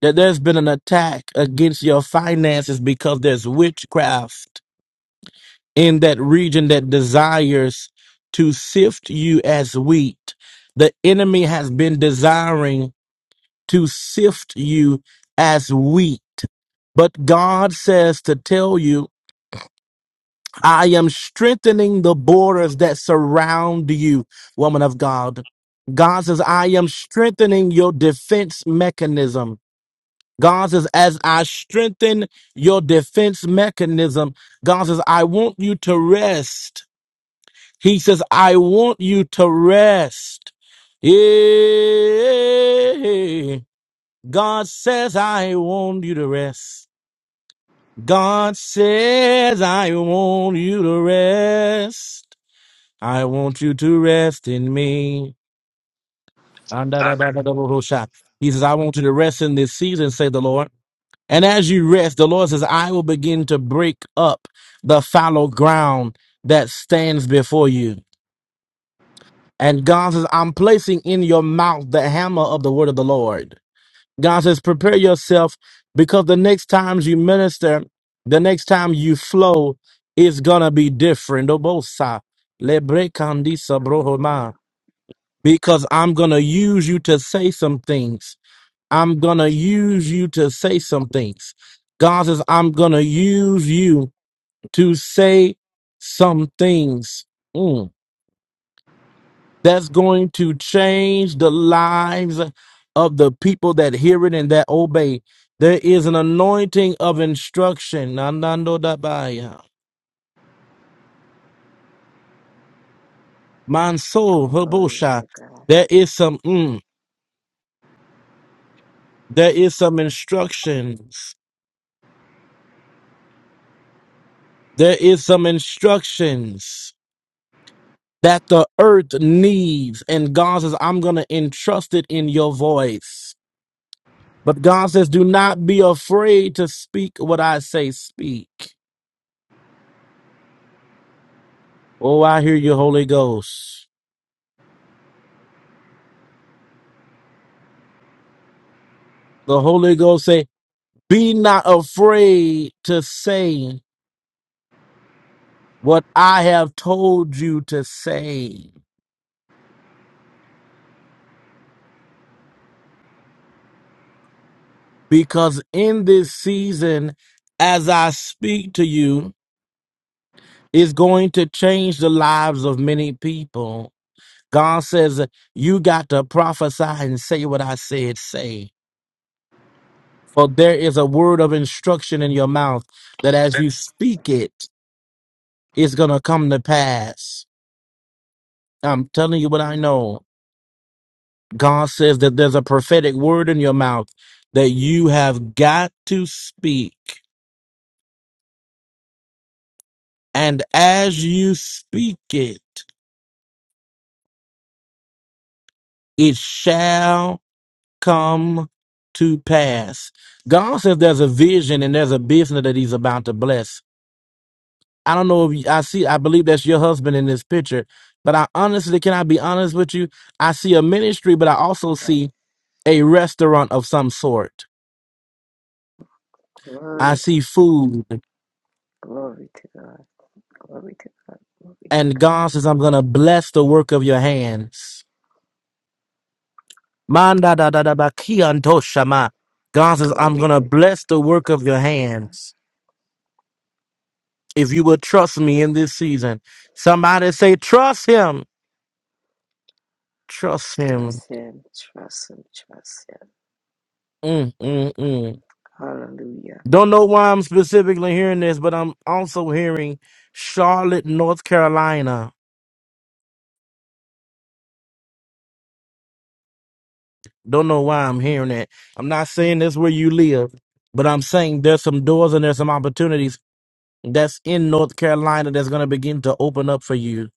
Speaker 1: that there's been an attack against your finances because there's witchcraft. in that region that desires to sift you as wheat. The enemy has been desiring to sift you as wheat. But God says to tell you, I am strengthening the borders that surround you, woman of God. God says, I am strengthening your defense mechanism. God says, as I strengthen your defense mechanism, God says, I want you to rest He says, I want you to rest. Yeah. God says, I want you to rest. God says, I want you to rest. I want you to rest in me.
Speaker 3: And, uh,
Speaker 1: Andadabadabadabadosha. He says, I want you to rest in this season, say the Lord. And as you rest, the Lord says, I will begin to break up the fallow ground that stands before you. And God says, I'm placing in your mouth the hammer of the word of the Lord. God says, prepare yourself because the next times you minister, the next time you flow, it's going to be different. Obosa, lebrekandisa brohoma.
Speaker 4: Hallelujah.
Speaker 1: Because I'm going to use you to say some things. I'm going to use you to say some things. God says, I'm going to use you to say some things. Mm. that's going to change the lives of the people that hear it and that obey. There is an anointing of instruction. Nandando dabaya. Manso
Speaker 4: Glory
Speaker 1: hobosha.
Speaker 4: to God.
Speaker 1: There is some mm, there is some instructions. There is some instructions that the earth needs. And God says, I'm gonna entrust it in your voice. But God says, do not be afraid to speak what I say, speak. Oh, I hear you, Holy Ghost. The Holy Ghost say, be not afraid to say what I have told you to say. Because in this season, as I speak to you, it's going to change the lives of many people. God says, you got to prophesy and say what I said, say. For there is a word of instruction in your mouth that as you speak it, it's going to come to pass I'm telling you what I know. God says that there's a prophetic word in your mouth that you have got to speak. And as you speak it, it shall come to pass. God says there's a vision and there's a business that he's about to bless. I don't know if you, I see, I believe that's your husband in this picture, but I honestly, can I be honest with you? I see a ministry, but I also
Speaker 4: Yes.
Speaker 1: see a restaurant of some sort. I
Speaker 4: Glory,
Speaker 1: see food.
Speaker 4: glory to God. Glory to God. Glory to
Speaker 1: And
Speaker 4: God.
Speaker 1: God says, I'm going to bless the work of your hands. Manda da da da ba ki anto shama. God says, I'm
Speaker 4: Glory
Speaker 1: going to
Speaker 4: to God.
Speaker 1: bless the work of your
Speaker 4: Glory to God.
Speaker 1: hands. If you will trust me in this season, somebody say, trust him. Trust him.
Speaker 4: Trust Him. Trust Him. Trust Him.
Speaker 1: Mm, mm, mm.
Speaker 4: Hallelujah.
Speaker 1: Don't know why I'm specifically hearing this, but I'm also hearing Charlotte, North Carolina. Don't know why I'm hearing it. I'm not saying that's where you live, but I'm saying there's some doors and there's some opportunities that's in North Carolina that's going to begin to open up for you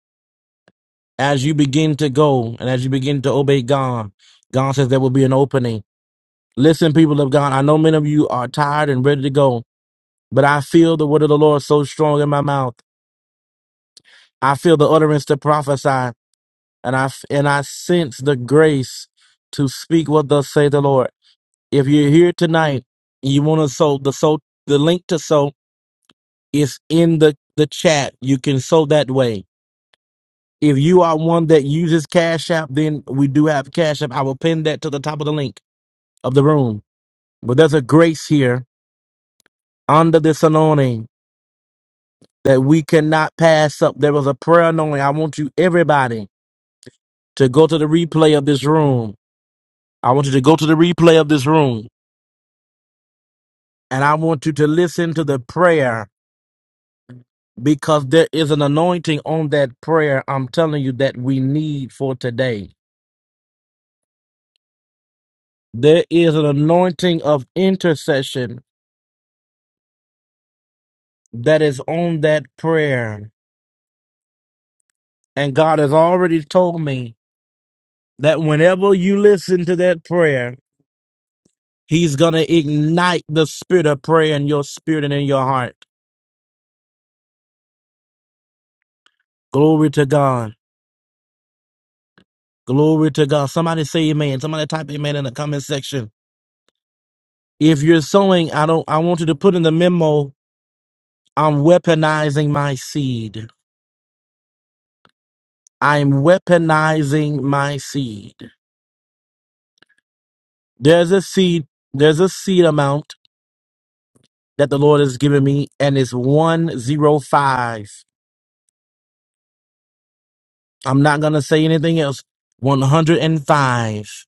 Speaker 1: as you begin to go and as you begin to obey God. God says there will be an opening. Listen, people of God, I know many of you are tired and ready to go, but I feel the word of the Lord so strong in my mouth. I feel the utterance to prophesy, and I f- and I sense the grace to speak what thus saith the Lord. If you're here tonight, you want to sow the sow the link to sow is in the the chat. You can sow that way If you are one that uses Cash App, then we do have Cash App. I will pin that to the top of the link of the room. But there's a grace here under this anointing that we cannot pass up. There was a prayer anointing. I want you, everybody, to go to the replay of this room. I want you to go to the replay of this room and I want you to listen to the prayer because there is an anointing on that prayer. I'm telling you that we need for today. There is an anointing of intercession that is on that prayer. And God has already told me that whenever you listen to that prayer, He's going to ignite the spirit of prayer in your spirit and in your heart. Glory to God. Glory to God. Somebody say amen. Somebody type amen in the comment section. If you're sowing, I don't I want you to put in the memo, I'm weaponizing my seed. I'm weaponizing my seed. There's a seed, there's a seed amount that the Lord has given me, and it's 105. I'm not going to say anything else. 105.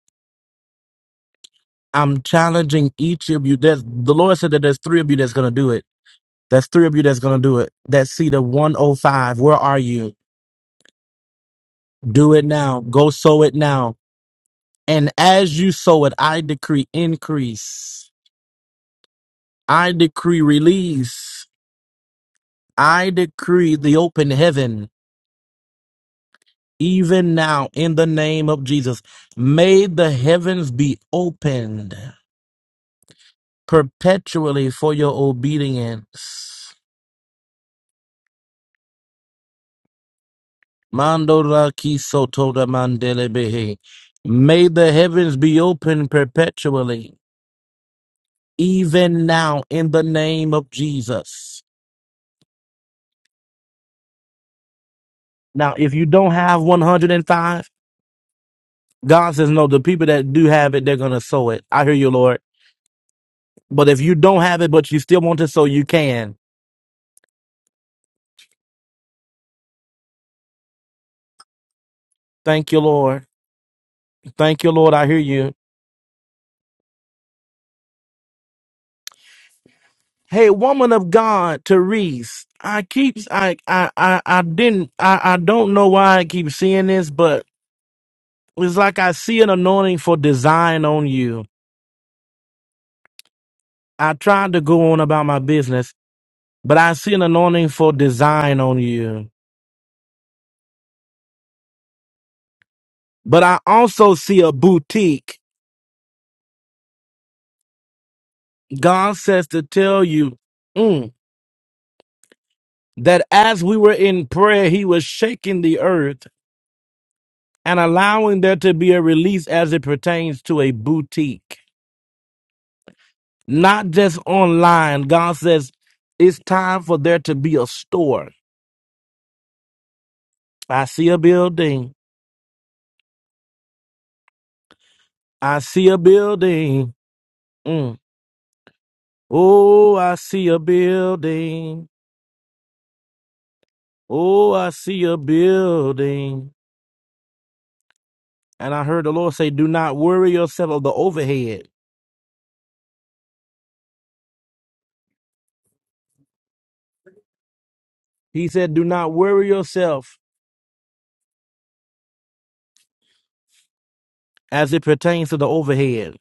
Speaker 1: I'm challenging each of you. There's, the Lord said that there's three of you that's going to do it. There's three of you that's going to do it. That seed of 105, where are you? Do it now. Go sow it now. And as you sow it, I decree increase. I decree release. I decree the open heaven. even now in the name of Jesus. May the heavens be opened perpetually for your obedience. Mandora kisotoda mandelebehe. May the heavens be open perpetually, even now in the name of Jesus. Now, if you don't have 105, God says, no, the people that do have it, they're going to sow it. I hear you, Lord. But if you don't have it, but you still want to sow, you can. Thank you, Lord. Thank you, Lord. I hear you. Hey, woman of God, Therese. I keep I I I, I didn't I, I don't know why I keep seeing this, but it's like I see an anointing for design on you. I tried to go on about my business, but I see an anointing for design on you. But I also see a boutique. God says to tell you mm, that as we were in prayer, He was shaking the earth and allowing there to be a release as it pertains to a boutique. not just online. God says it's time for there to be a store. I see a building. I see a building. Mm. Oh, I see a building. Oh, I see a building. And I heard the Lord say, Do not worry yourself of the overhead. He said, Do not worry yourself as it pertains to the overhead.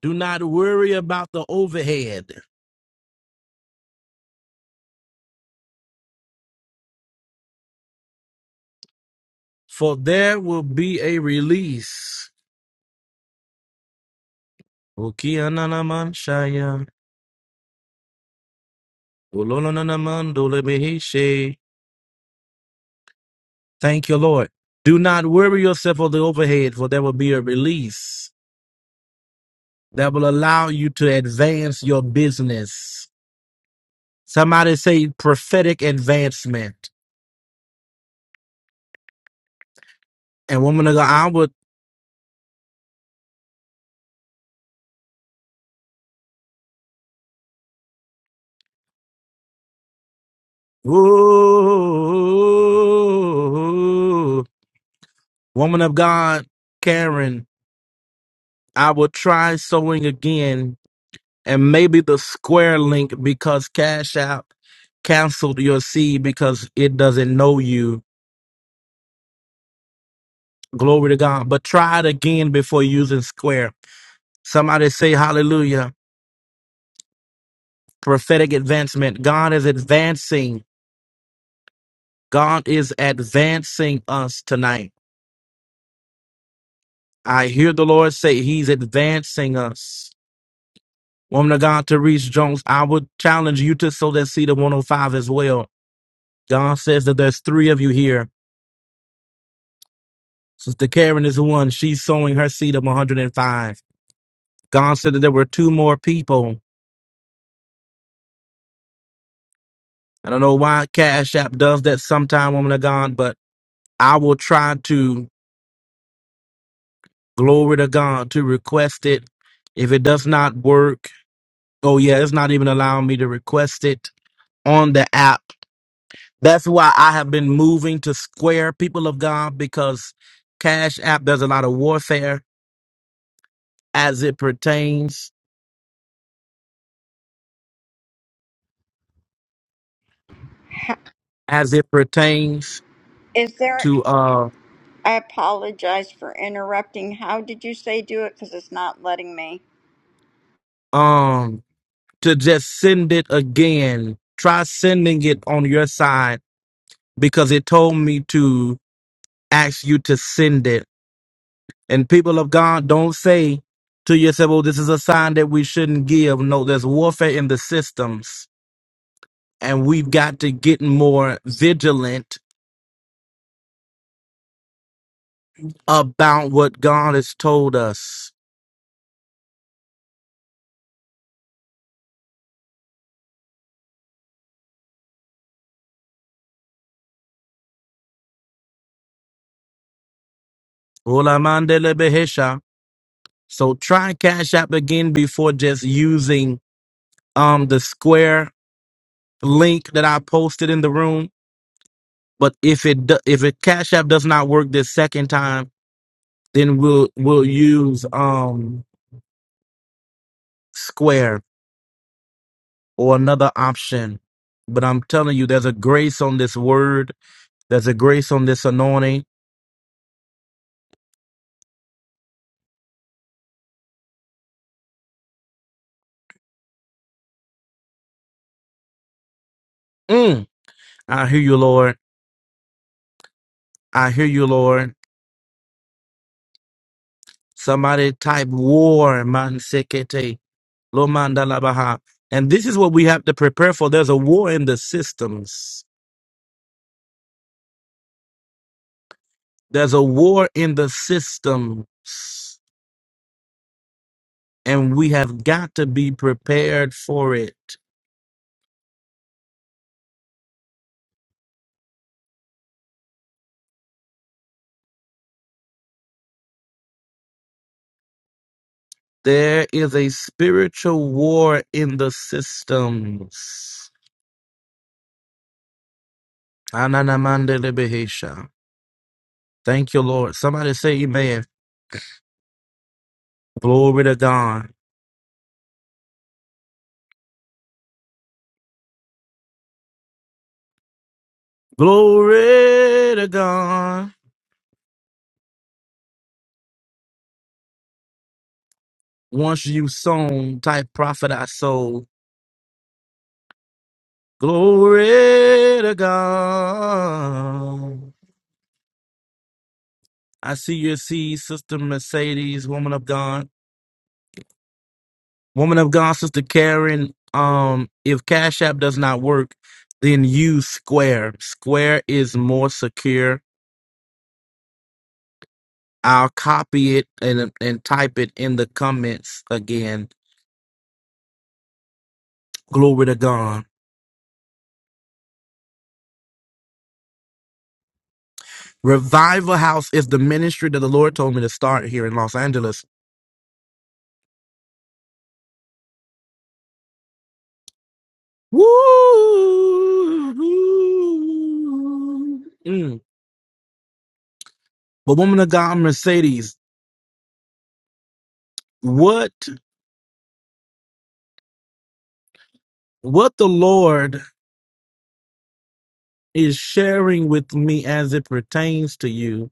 Speaker 1: Do not worry about the overhead, for there will be a release. Okiananamanshaya. Thank you, Lord. Do not worry yourself of the overhead, for there will be a release that will allow you to advance your business. Somebody say prophetic advancement. And woman of God, I would, ooh, woman of God, Karen, I will try sewing again and maybe the square link because Cash App canceled your seed because it doesn't know you Glory to God. But try it again before using square. Somebody say hallelujah. Prophetic advancement. God is advancing. God is advancing us tonight. I hear the Lord say he's advancing us. Woman of God, Therese Jones, I would challenge you to sow that seed of 105 as well. God says that there's three of you here. Sister Karen is one. She's sowing her seed of 105. God said that there were two more people. I don't know why Cash App does that sometime, woman of God, but I will try to glory to God to request it. If it does not work, oh yeah, it's not even allowing me to request it on the app. That's why I have been moving to Square, people of God, because Cash App there's a lot of warfare as it pertains as it pertains
Speaker 3: Is there,
Speaker 1: to uh
Speaker 3: I apologize for interrupting. How did you say do it? Because it's not letting me.
Speaker 1: um to just send it again. Try sending it on your side because it told me to ask you to send it And people of God, don't say to yourself, "Oh, this is a sign that we shouldn't give. No, there's warfare in the systems. And we've got to get more vigilant about what God has told us. Olamandelebehesha. So try Cash App again before just using um the square link that I posted in the room. But if it do, if it Cash App does not work this second time, then we'll we'll use um Square or another option. But I'm telling you, there's a grace on this word, there's a grace on this anointing. Mm. I hear you, Lord. I hear you, Lord. Somebody type war, man sekete, lo mandalabaha. And this is what we have to prepare for. There's a war in the systems. There's a war in the systems, and we have got to be prepared for it. There is a spiritual war in the systems. Ananamandelebehesha. Thank you, Lord. Somebody say amen. Glory to God. Glory to God. Once you sown, type prophet I sold. Glory to God. I see your seed, Sister Mercedes, woman of God. Woman of God, Sister Karen, um, if Cash App does not work, then use Square. Square is more secure. I'll copy it and and type it in the comments again. Glory to God. Revival House is the ministry that the Lord told me to start here in Los Angeles. Woo! Mm. But woman of God, Mercedes, what what the Lord is sharing with me as it pertains to you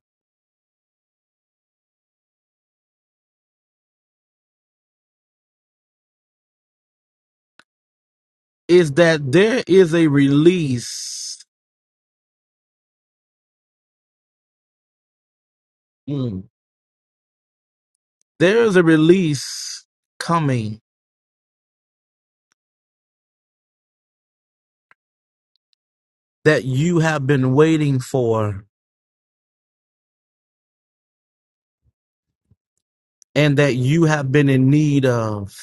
Speaker 1: is that there is a release. Mm. there is a release coming that you have been waiting for and that you have been in need of.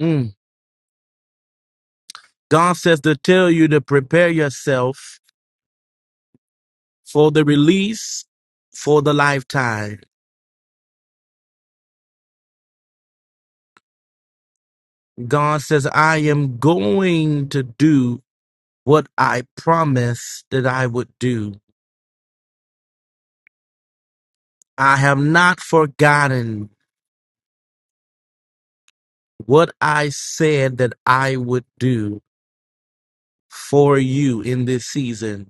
Speaker 1: Mm. God says to tell you to prepare yourself for the release for the lifetime. God says, I am going to do what I promised that I would do. I have not forgotten what I said that I would do for you in this season.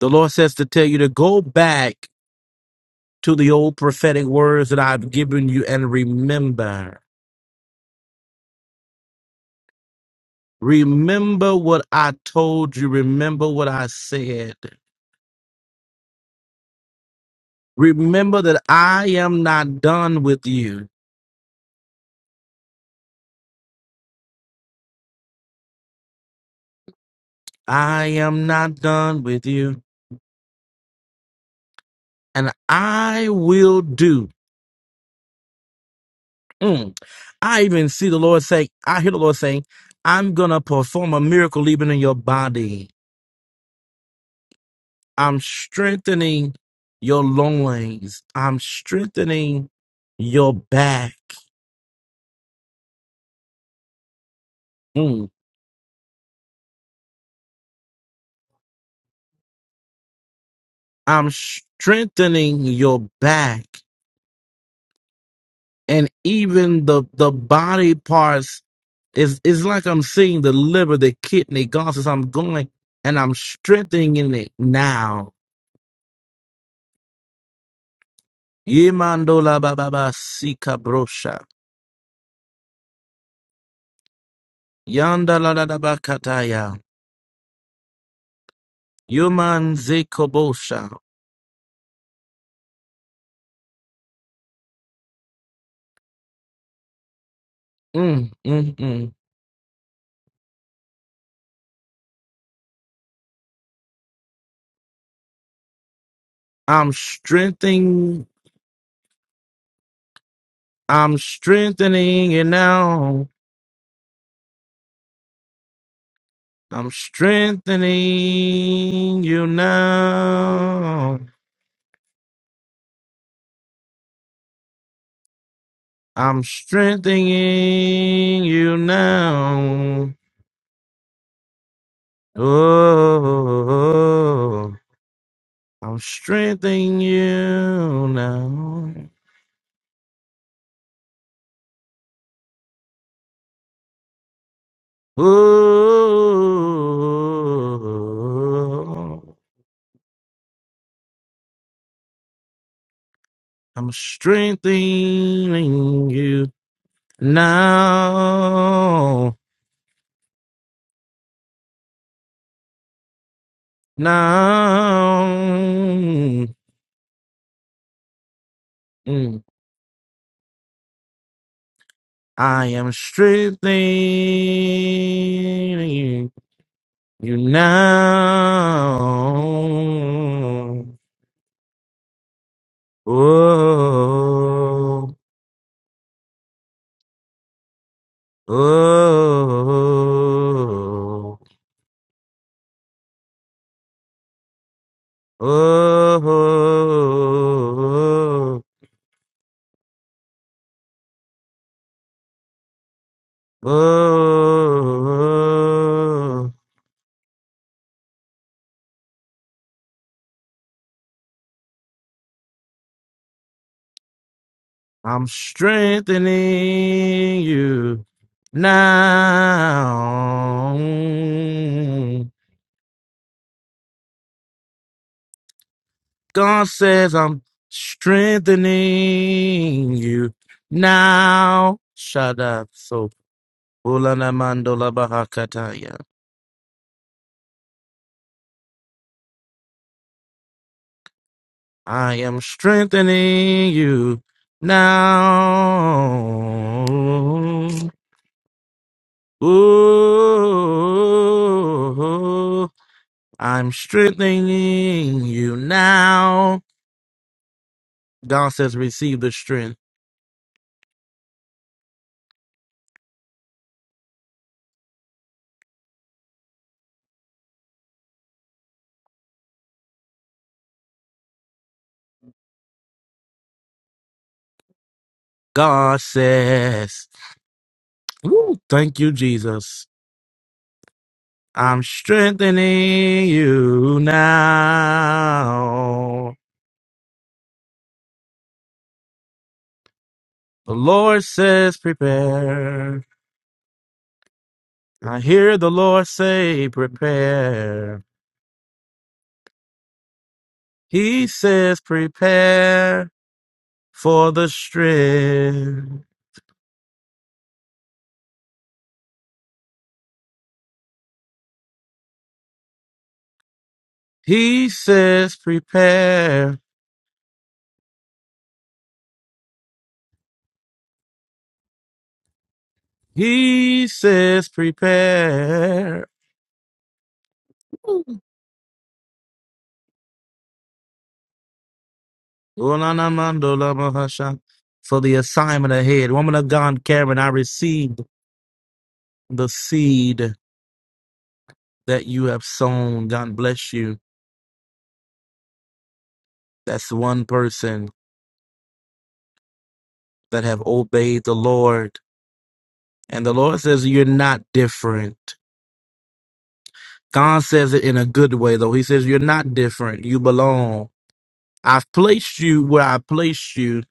Speaker 1: The Lord says to tell you to go back to the old prophetic words that I've given you and remember. Remember what I told you. Remember what I said. Remember that I am not done with you. I am not done with you. And I will do. mm, I even see the Lord say, I hear the Lord saying, I'm going to perform a miracle even in your body. I'm strengthening your loins. I'm strengthening your back. Mm. I'm strengthening your back. And even the, the body parts is, is like I'm seeing the liver, the kidney, God says, I'm going and I'm strengthening it now. Yemandola baba sika brosha. Yanda la la da bakataya. Yuman zekobosha. Mm, mm, mm. I'm strengthening. I'm strengthening you now. I'm strengthening you now. I'm strengthening you now. Oh, I'm strengthening you now. Oh. I'm strengthening you now, now. Mm. I am strengthening you now. Oh, oh, oh, oh, oh. I'm strengthening you now. God says, I'm strengthening you now. Shada. So, Ulana Mandola Bahakataya. I am strengthening you now. Ooh. I'm strengthening you now. God says, receive the strength. God says, Woo, thank you, Jesus. I'm strengthening you now. The Lord says, prepare. I hear the Lord say, prepare. He says, prepare for the strength. He says, prepare. He says, prepare. For the assignment ahead. Woman of God, Karen, I received the seed that you have sown. God bless you. That's one person that have obeyed the Lord. And the Lord says, you're not different. God says it in a good way, though. He says, You're not different. You belong. I've placed you where I placed you,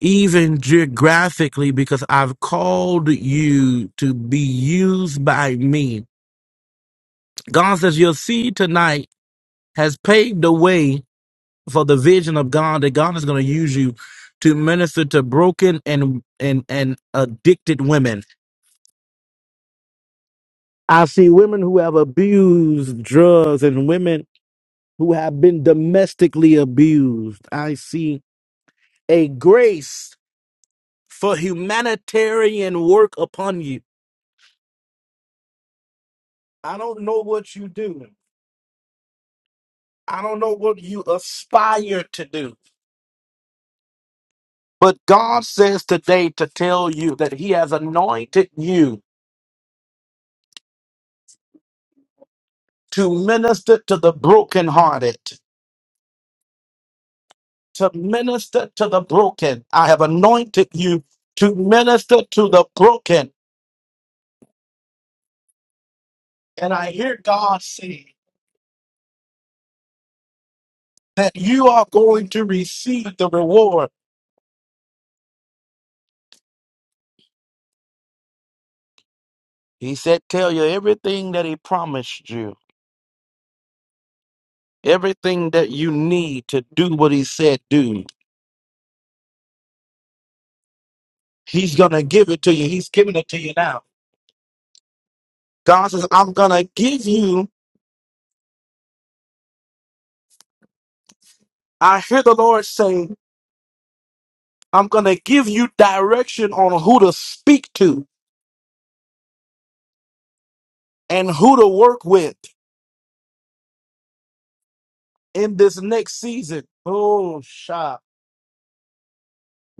Speaker 1: even geographically, because I've called you to be used by me. God says, Your seed tonight has paved the way for the vision of God that God is going to use you to minister to broken and, and, and addicted women. I see women who have abused drugs and women who have been domestically abused. I see a grace for humanitarian work upon you. I don't know what you do. I don't know what you aspire to do. But God says today to tell you that He has anointed you to minister to the brokenhearted, to minister to the broken. I have anointed you to minister to the broken. And I hear God say. that you are going to receive the reward. He said, Tell you everything that he promised you, everything that you need to do what he said do. He's going to give it to you. He's giving it to you now. God says, I'm going to give you, I hear the Lord saying, I'm going to give you direction on who to speak to and who to work with in this next season. Oh, shop.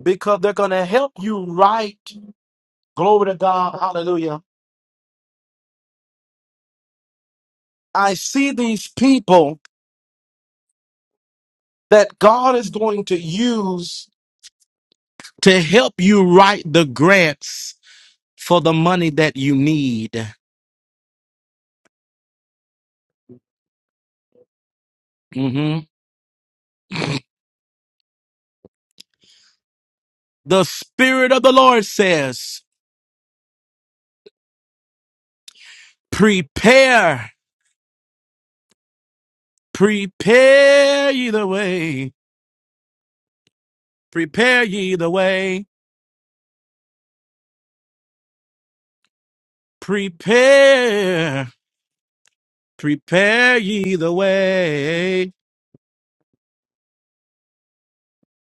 Speaker 1: Because they're going to help you right. Glory to God. Hallelujah I see these people that God is going to use to help you write the grants for the money that you need. Mhm. The Spirit of the Lord says, prepare, prepare ye the way, prepare ye the way, prepare, prepare ye the way,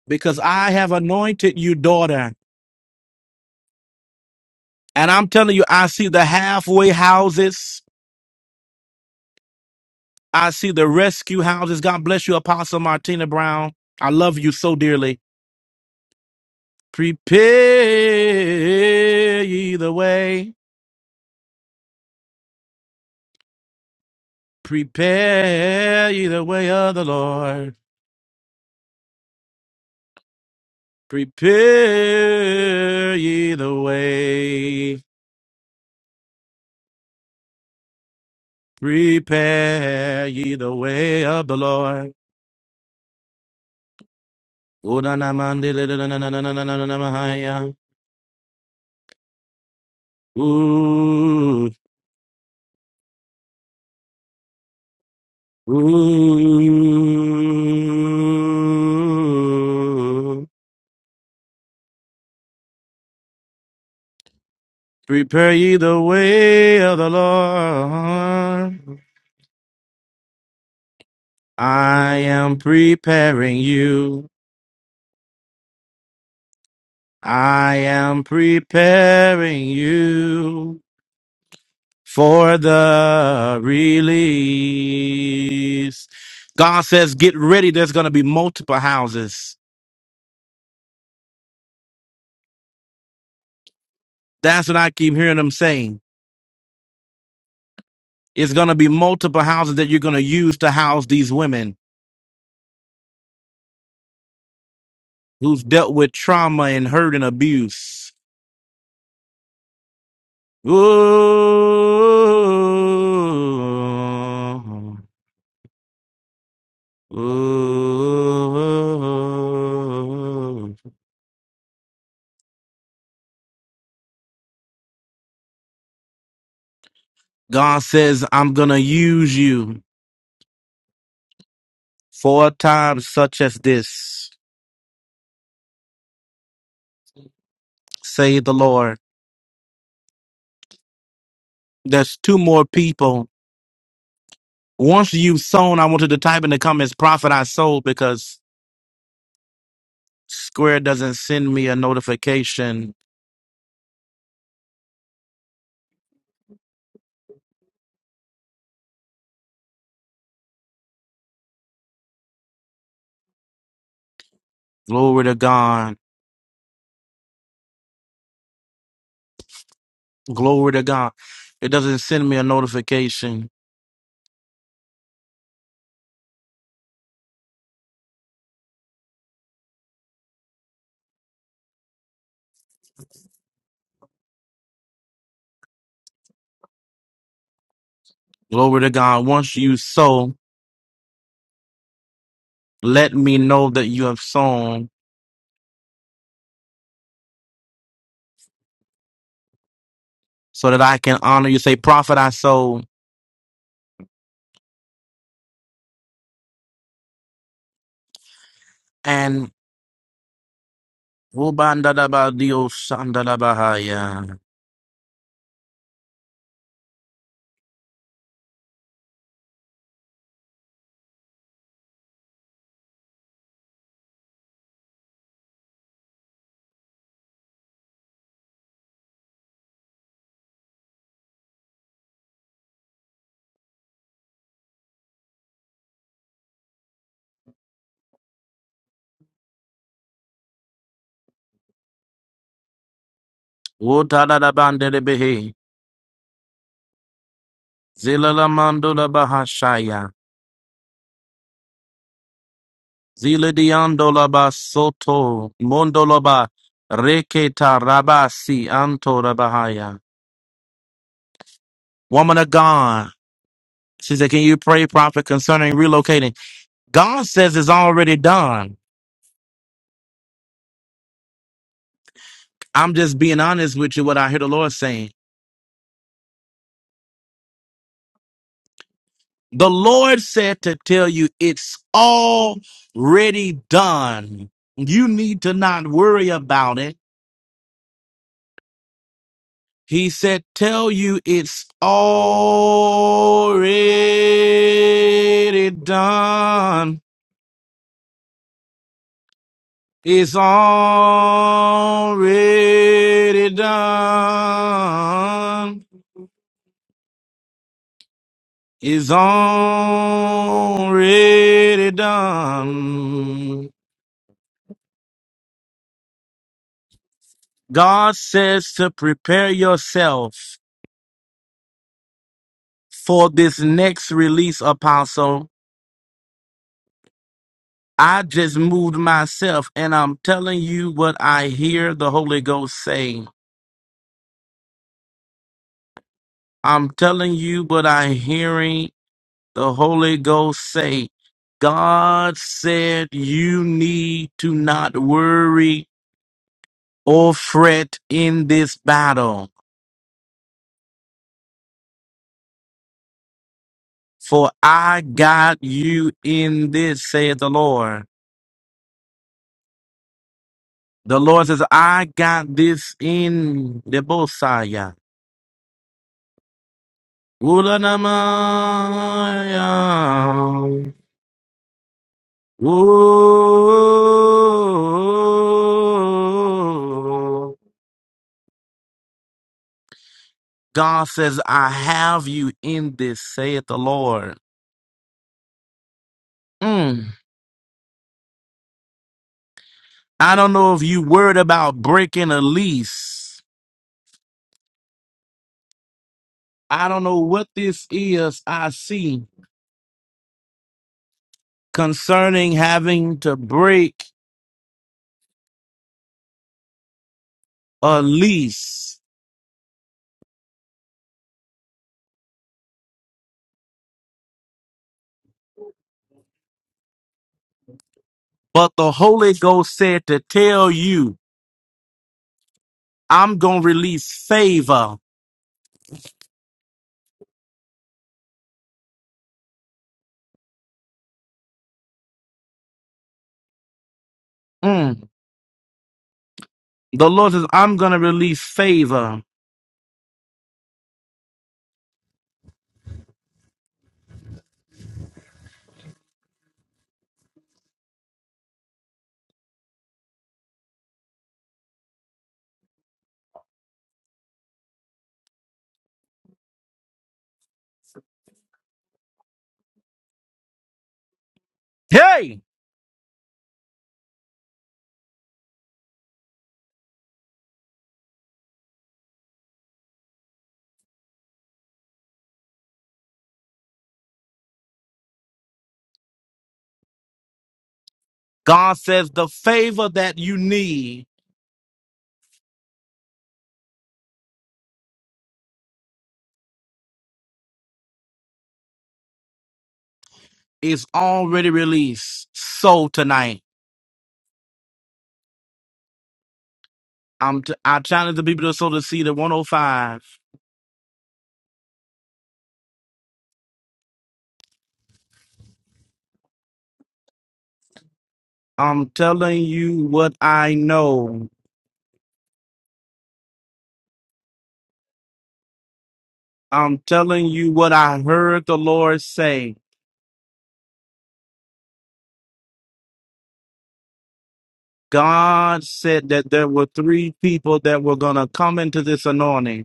Speaker 1: because I have anointed you, daughter. And I'm telling you, I see the halfway houses. I see the rescue houses. God bless you, Apostle Martina Brown. I love you so dearly. Prepare ye the way. Prepare ye the way of the Lord. Prepare ye the way. Prepare ye the way of the Lord. Ooh, na, na, man, di, li, li, na, na, na, na, na, na, na, na, ma, hi, ya. Ooh, ooh. Prepare ye the way of the Lord. I am preparing you. I am preparing you for the release. God says, get ready. There's going to be multiple houses. That's what I keep hearing them saying. It's going to be multiple houses that you're going to use to house these women who's dealt with trauma and hurt and abuse. Ooh, ooh. God says, I'm going to use you for a time such as this, say the Lord. There's two more people. Once you've sown, I want you to type in the comments, Prophet, I sold because Square doesn't send me a notification. Glory to God. Glory to God. It doesn't send me a notification. Glory to God. Once you sow, let me know that you have sown so that I can honor you. Say, Prophet, I sow. And Ubandadabadiosandadabahaya. Utadadabandedebehe. Zilalamandolabahashaya. Ziladiandolabasoto. Mondolaba. Reketa rabasi antorabahaya. Woman of God. She said, Can you pray, prophet, concerning relocating? God says it's already done. I'm just being honest with you, what I hear the Lord saying. The Lord said to tell you it's already done. You need to not worry about it. He said, tell you it's already done. It's already done. It's already done. God says to prepare yourself for this next release, Apostle. I just moved myself and I'm telling you what I hear the Holy Ghost say. I'm telling you what I'm hearing the Holy Ghost say. God said you need to not worry or fret in this battle, for I got you in this, saith the Lord. The Lord says, I got this in the Bosaya. Ulanamaya. Ooh. God says, I have you in this, saith the Lord. Mm. I don't know if you worried about breaking a lease. I don't know what this is I see concerning having to break a lease. But the Holy Ghost said to tell you, I'm going to release favor. Mm. The Lord says, I'm going to release favor. Hey! God says the favor that you need is already released. So tonight, I'm t- I challenge the people to sow the seed at 105. I'm telling you what I know. I'm telling you what I heard the Lord say. God said that there were three people that were going to come into this anointing.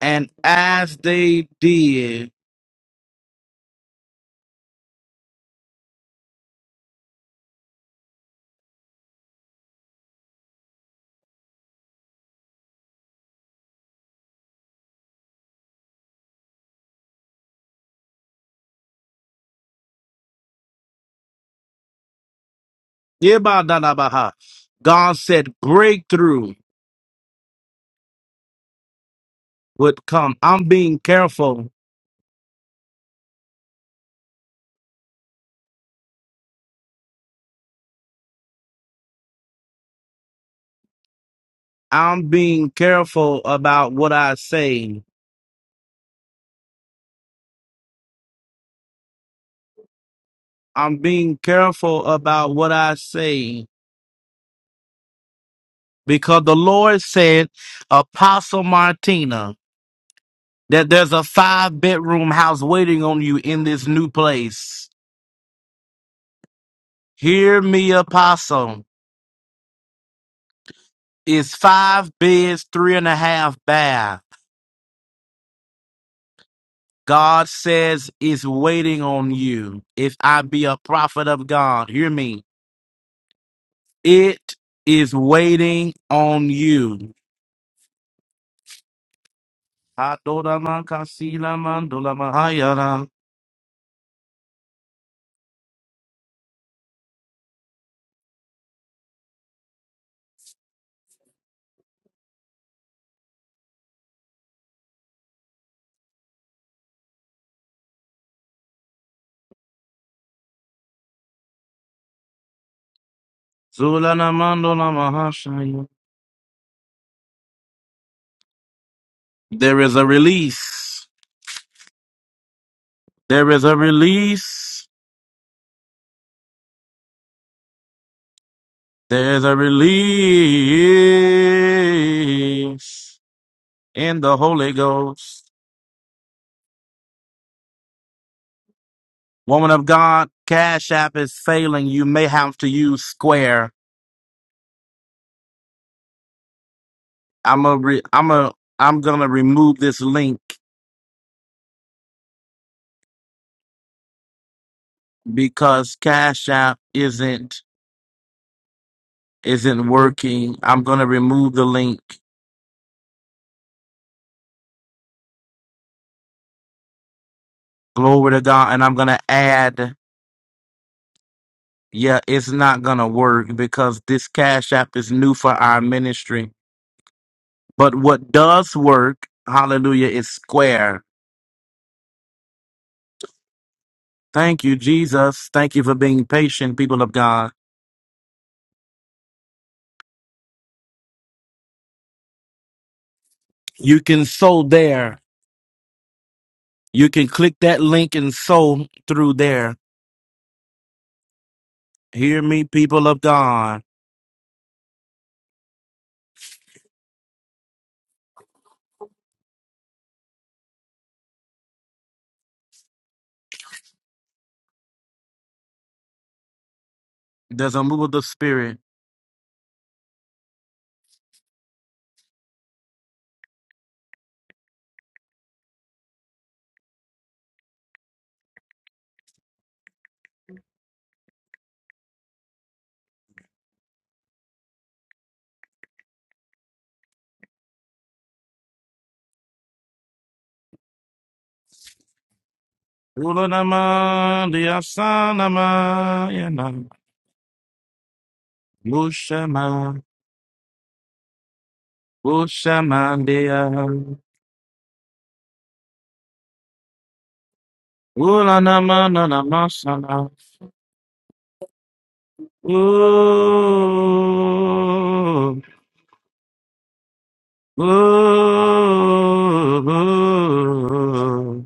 Speaker 1: And as they did, Yebadadabaha, God said breakthrough would come. I'm being careful. I'm being careful about what I say. I'm being careful about what I say because the Lord said, Apostle Martina, that there's a five bedroom house waiting on you in this new place. Hear me, Apostle. It's five beds, three and a half baths. God says is waiting on you. If I be a prophet of God, hear me. It is waiting on you. There is a release. There is a release. There's a release in the Holy Ghost. Woman of God, Cash App is failing. You may have to use Square. I'm a re- I'm a I'm gonna remove this link because Cash App isn't isn't working. I'm gonna remove the link. Glory to God, and I'm gonna add. Yeah, it's not gonna work because this Cash App is new for our ministry. But what does work, Hallelujah, is Square. Thank you, Jesus. Thank you for being patient, people of God. You can sow there. You can click that link and sow through there. Hear me, people of God. There's a move of the spirit. Ulanama, diasanama, yana, Mushama, Mushamandia, Ulanama, nanamasana, ooh, ooh, ooh.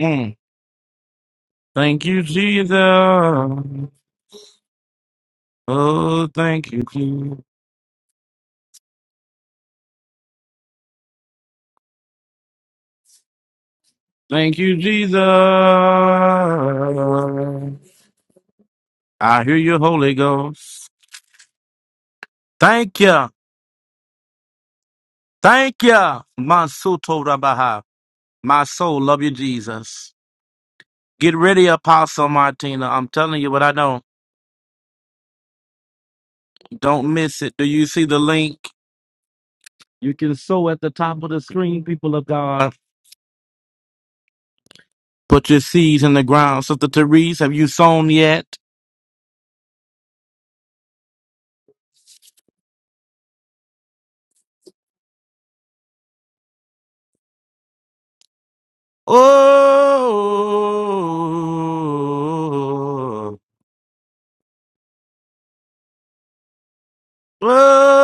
Speaker 1: Mm. Thank you, Jesus. Oh, thank you, Jesus. Thank you, Jesus. I hear you, Holy Ghost. Thank you. Thank you. Masuto Rabaha. My soul love you, Jesus. Get ready, Apostle Martina. I'm telling you what I know. Don't miss it. Do you see the link? You can sow at the top of the screen, people of God. Put your seeds in the ground. Sister Therese, have you sown yet? Oh, oh.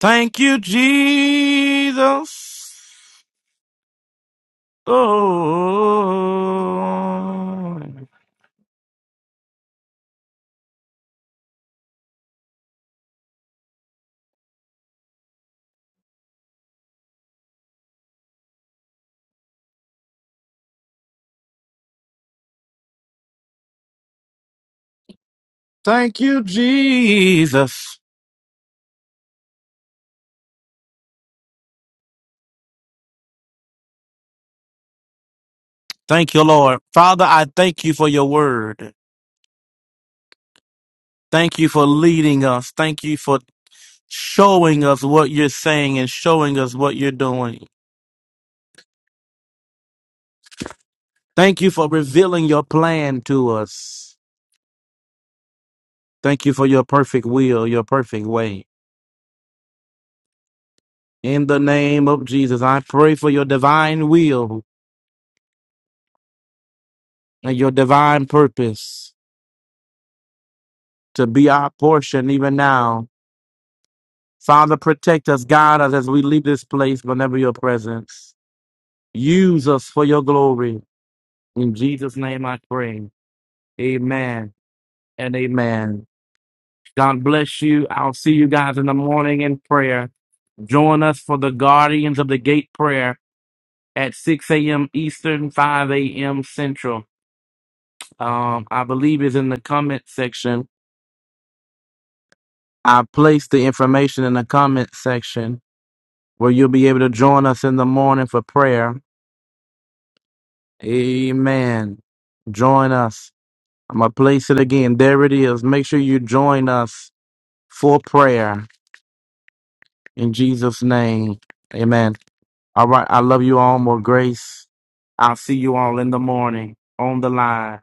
Speaker 1: Thank you, Jesus. Oh, thank you, Jesus. Thank you, Lord. Father, I thank you for your word. Thank you for leading us. Thank you for showing us what you're saying and showing us what you're doing. Thank you for revealing your plan to us. Thank you for your perfect will, your perfect way. In the name of Jesus, I pray for your divine will and your divine purpose to be our portion even now Father, protect us, guide us as we leave this place whenever your presence. Use us for your glory. In Jesus' name I pray. Amen and amen. God bless you. I'll see you guys in the morning in prayer. Join us for the Guardians of the Gate prayer at 6 a.m. Eastern, 5 a.m. Central. Um, I believe is in the comment section. I placed the information in the comment section where you'll be able to join us in the morning for prayer. Amen. Join us. I'm going to place it again. There it is. Make sure you join us for prayer in Jesus' name. Amen. All right. I love you all. More grace. I'll see you all in the morning on the line.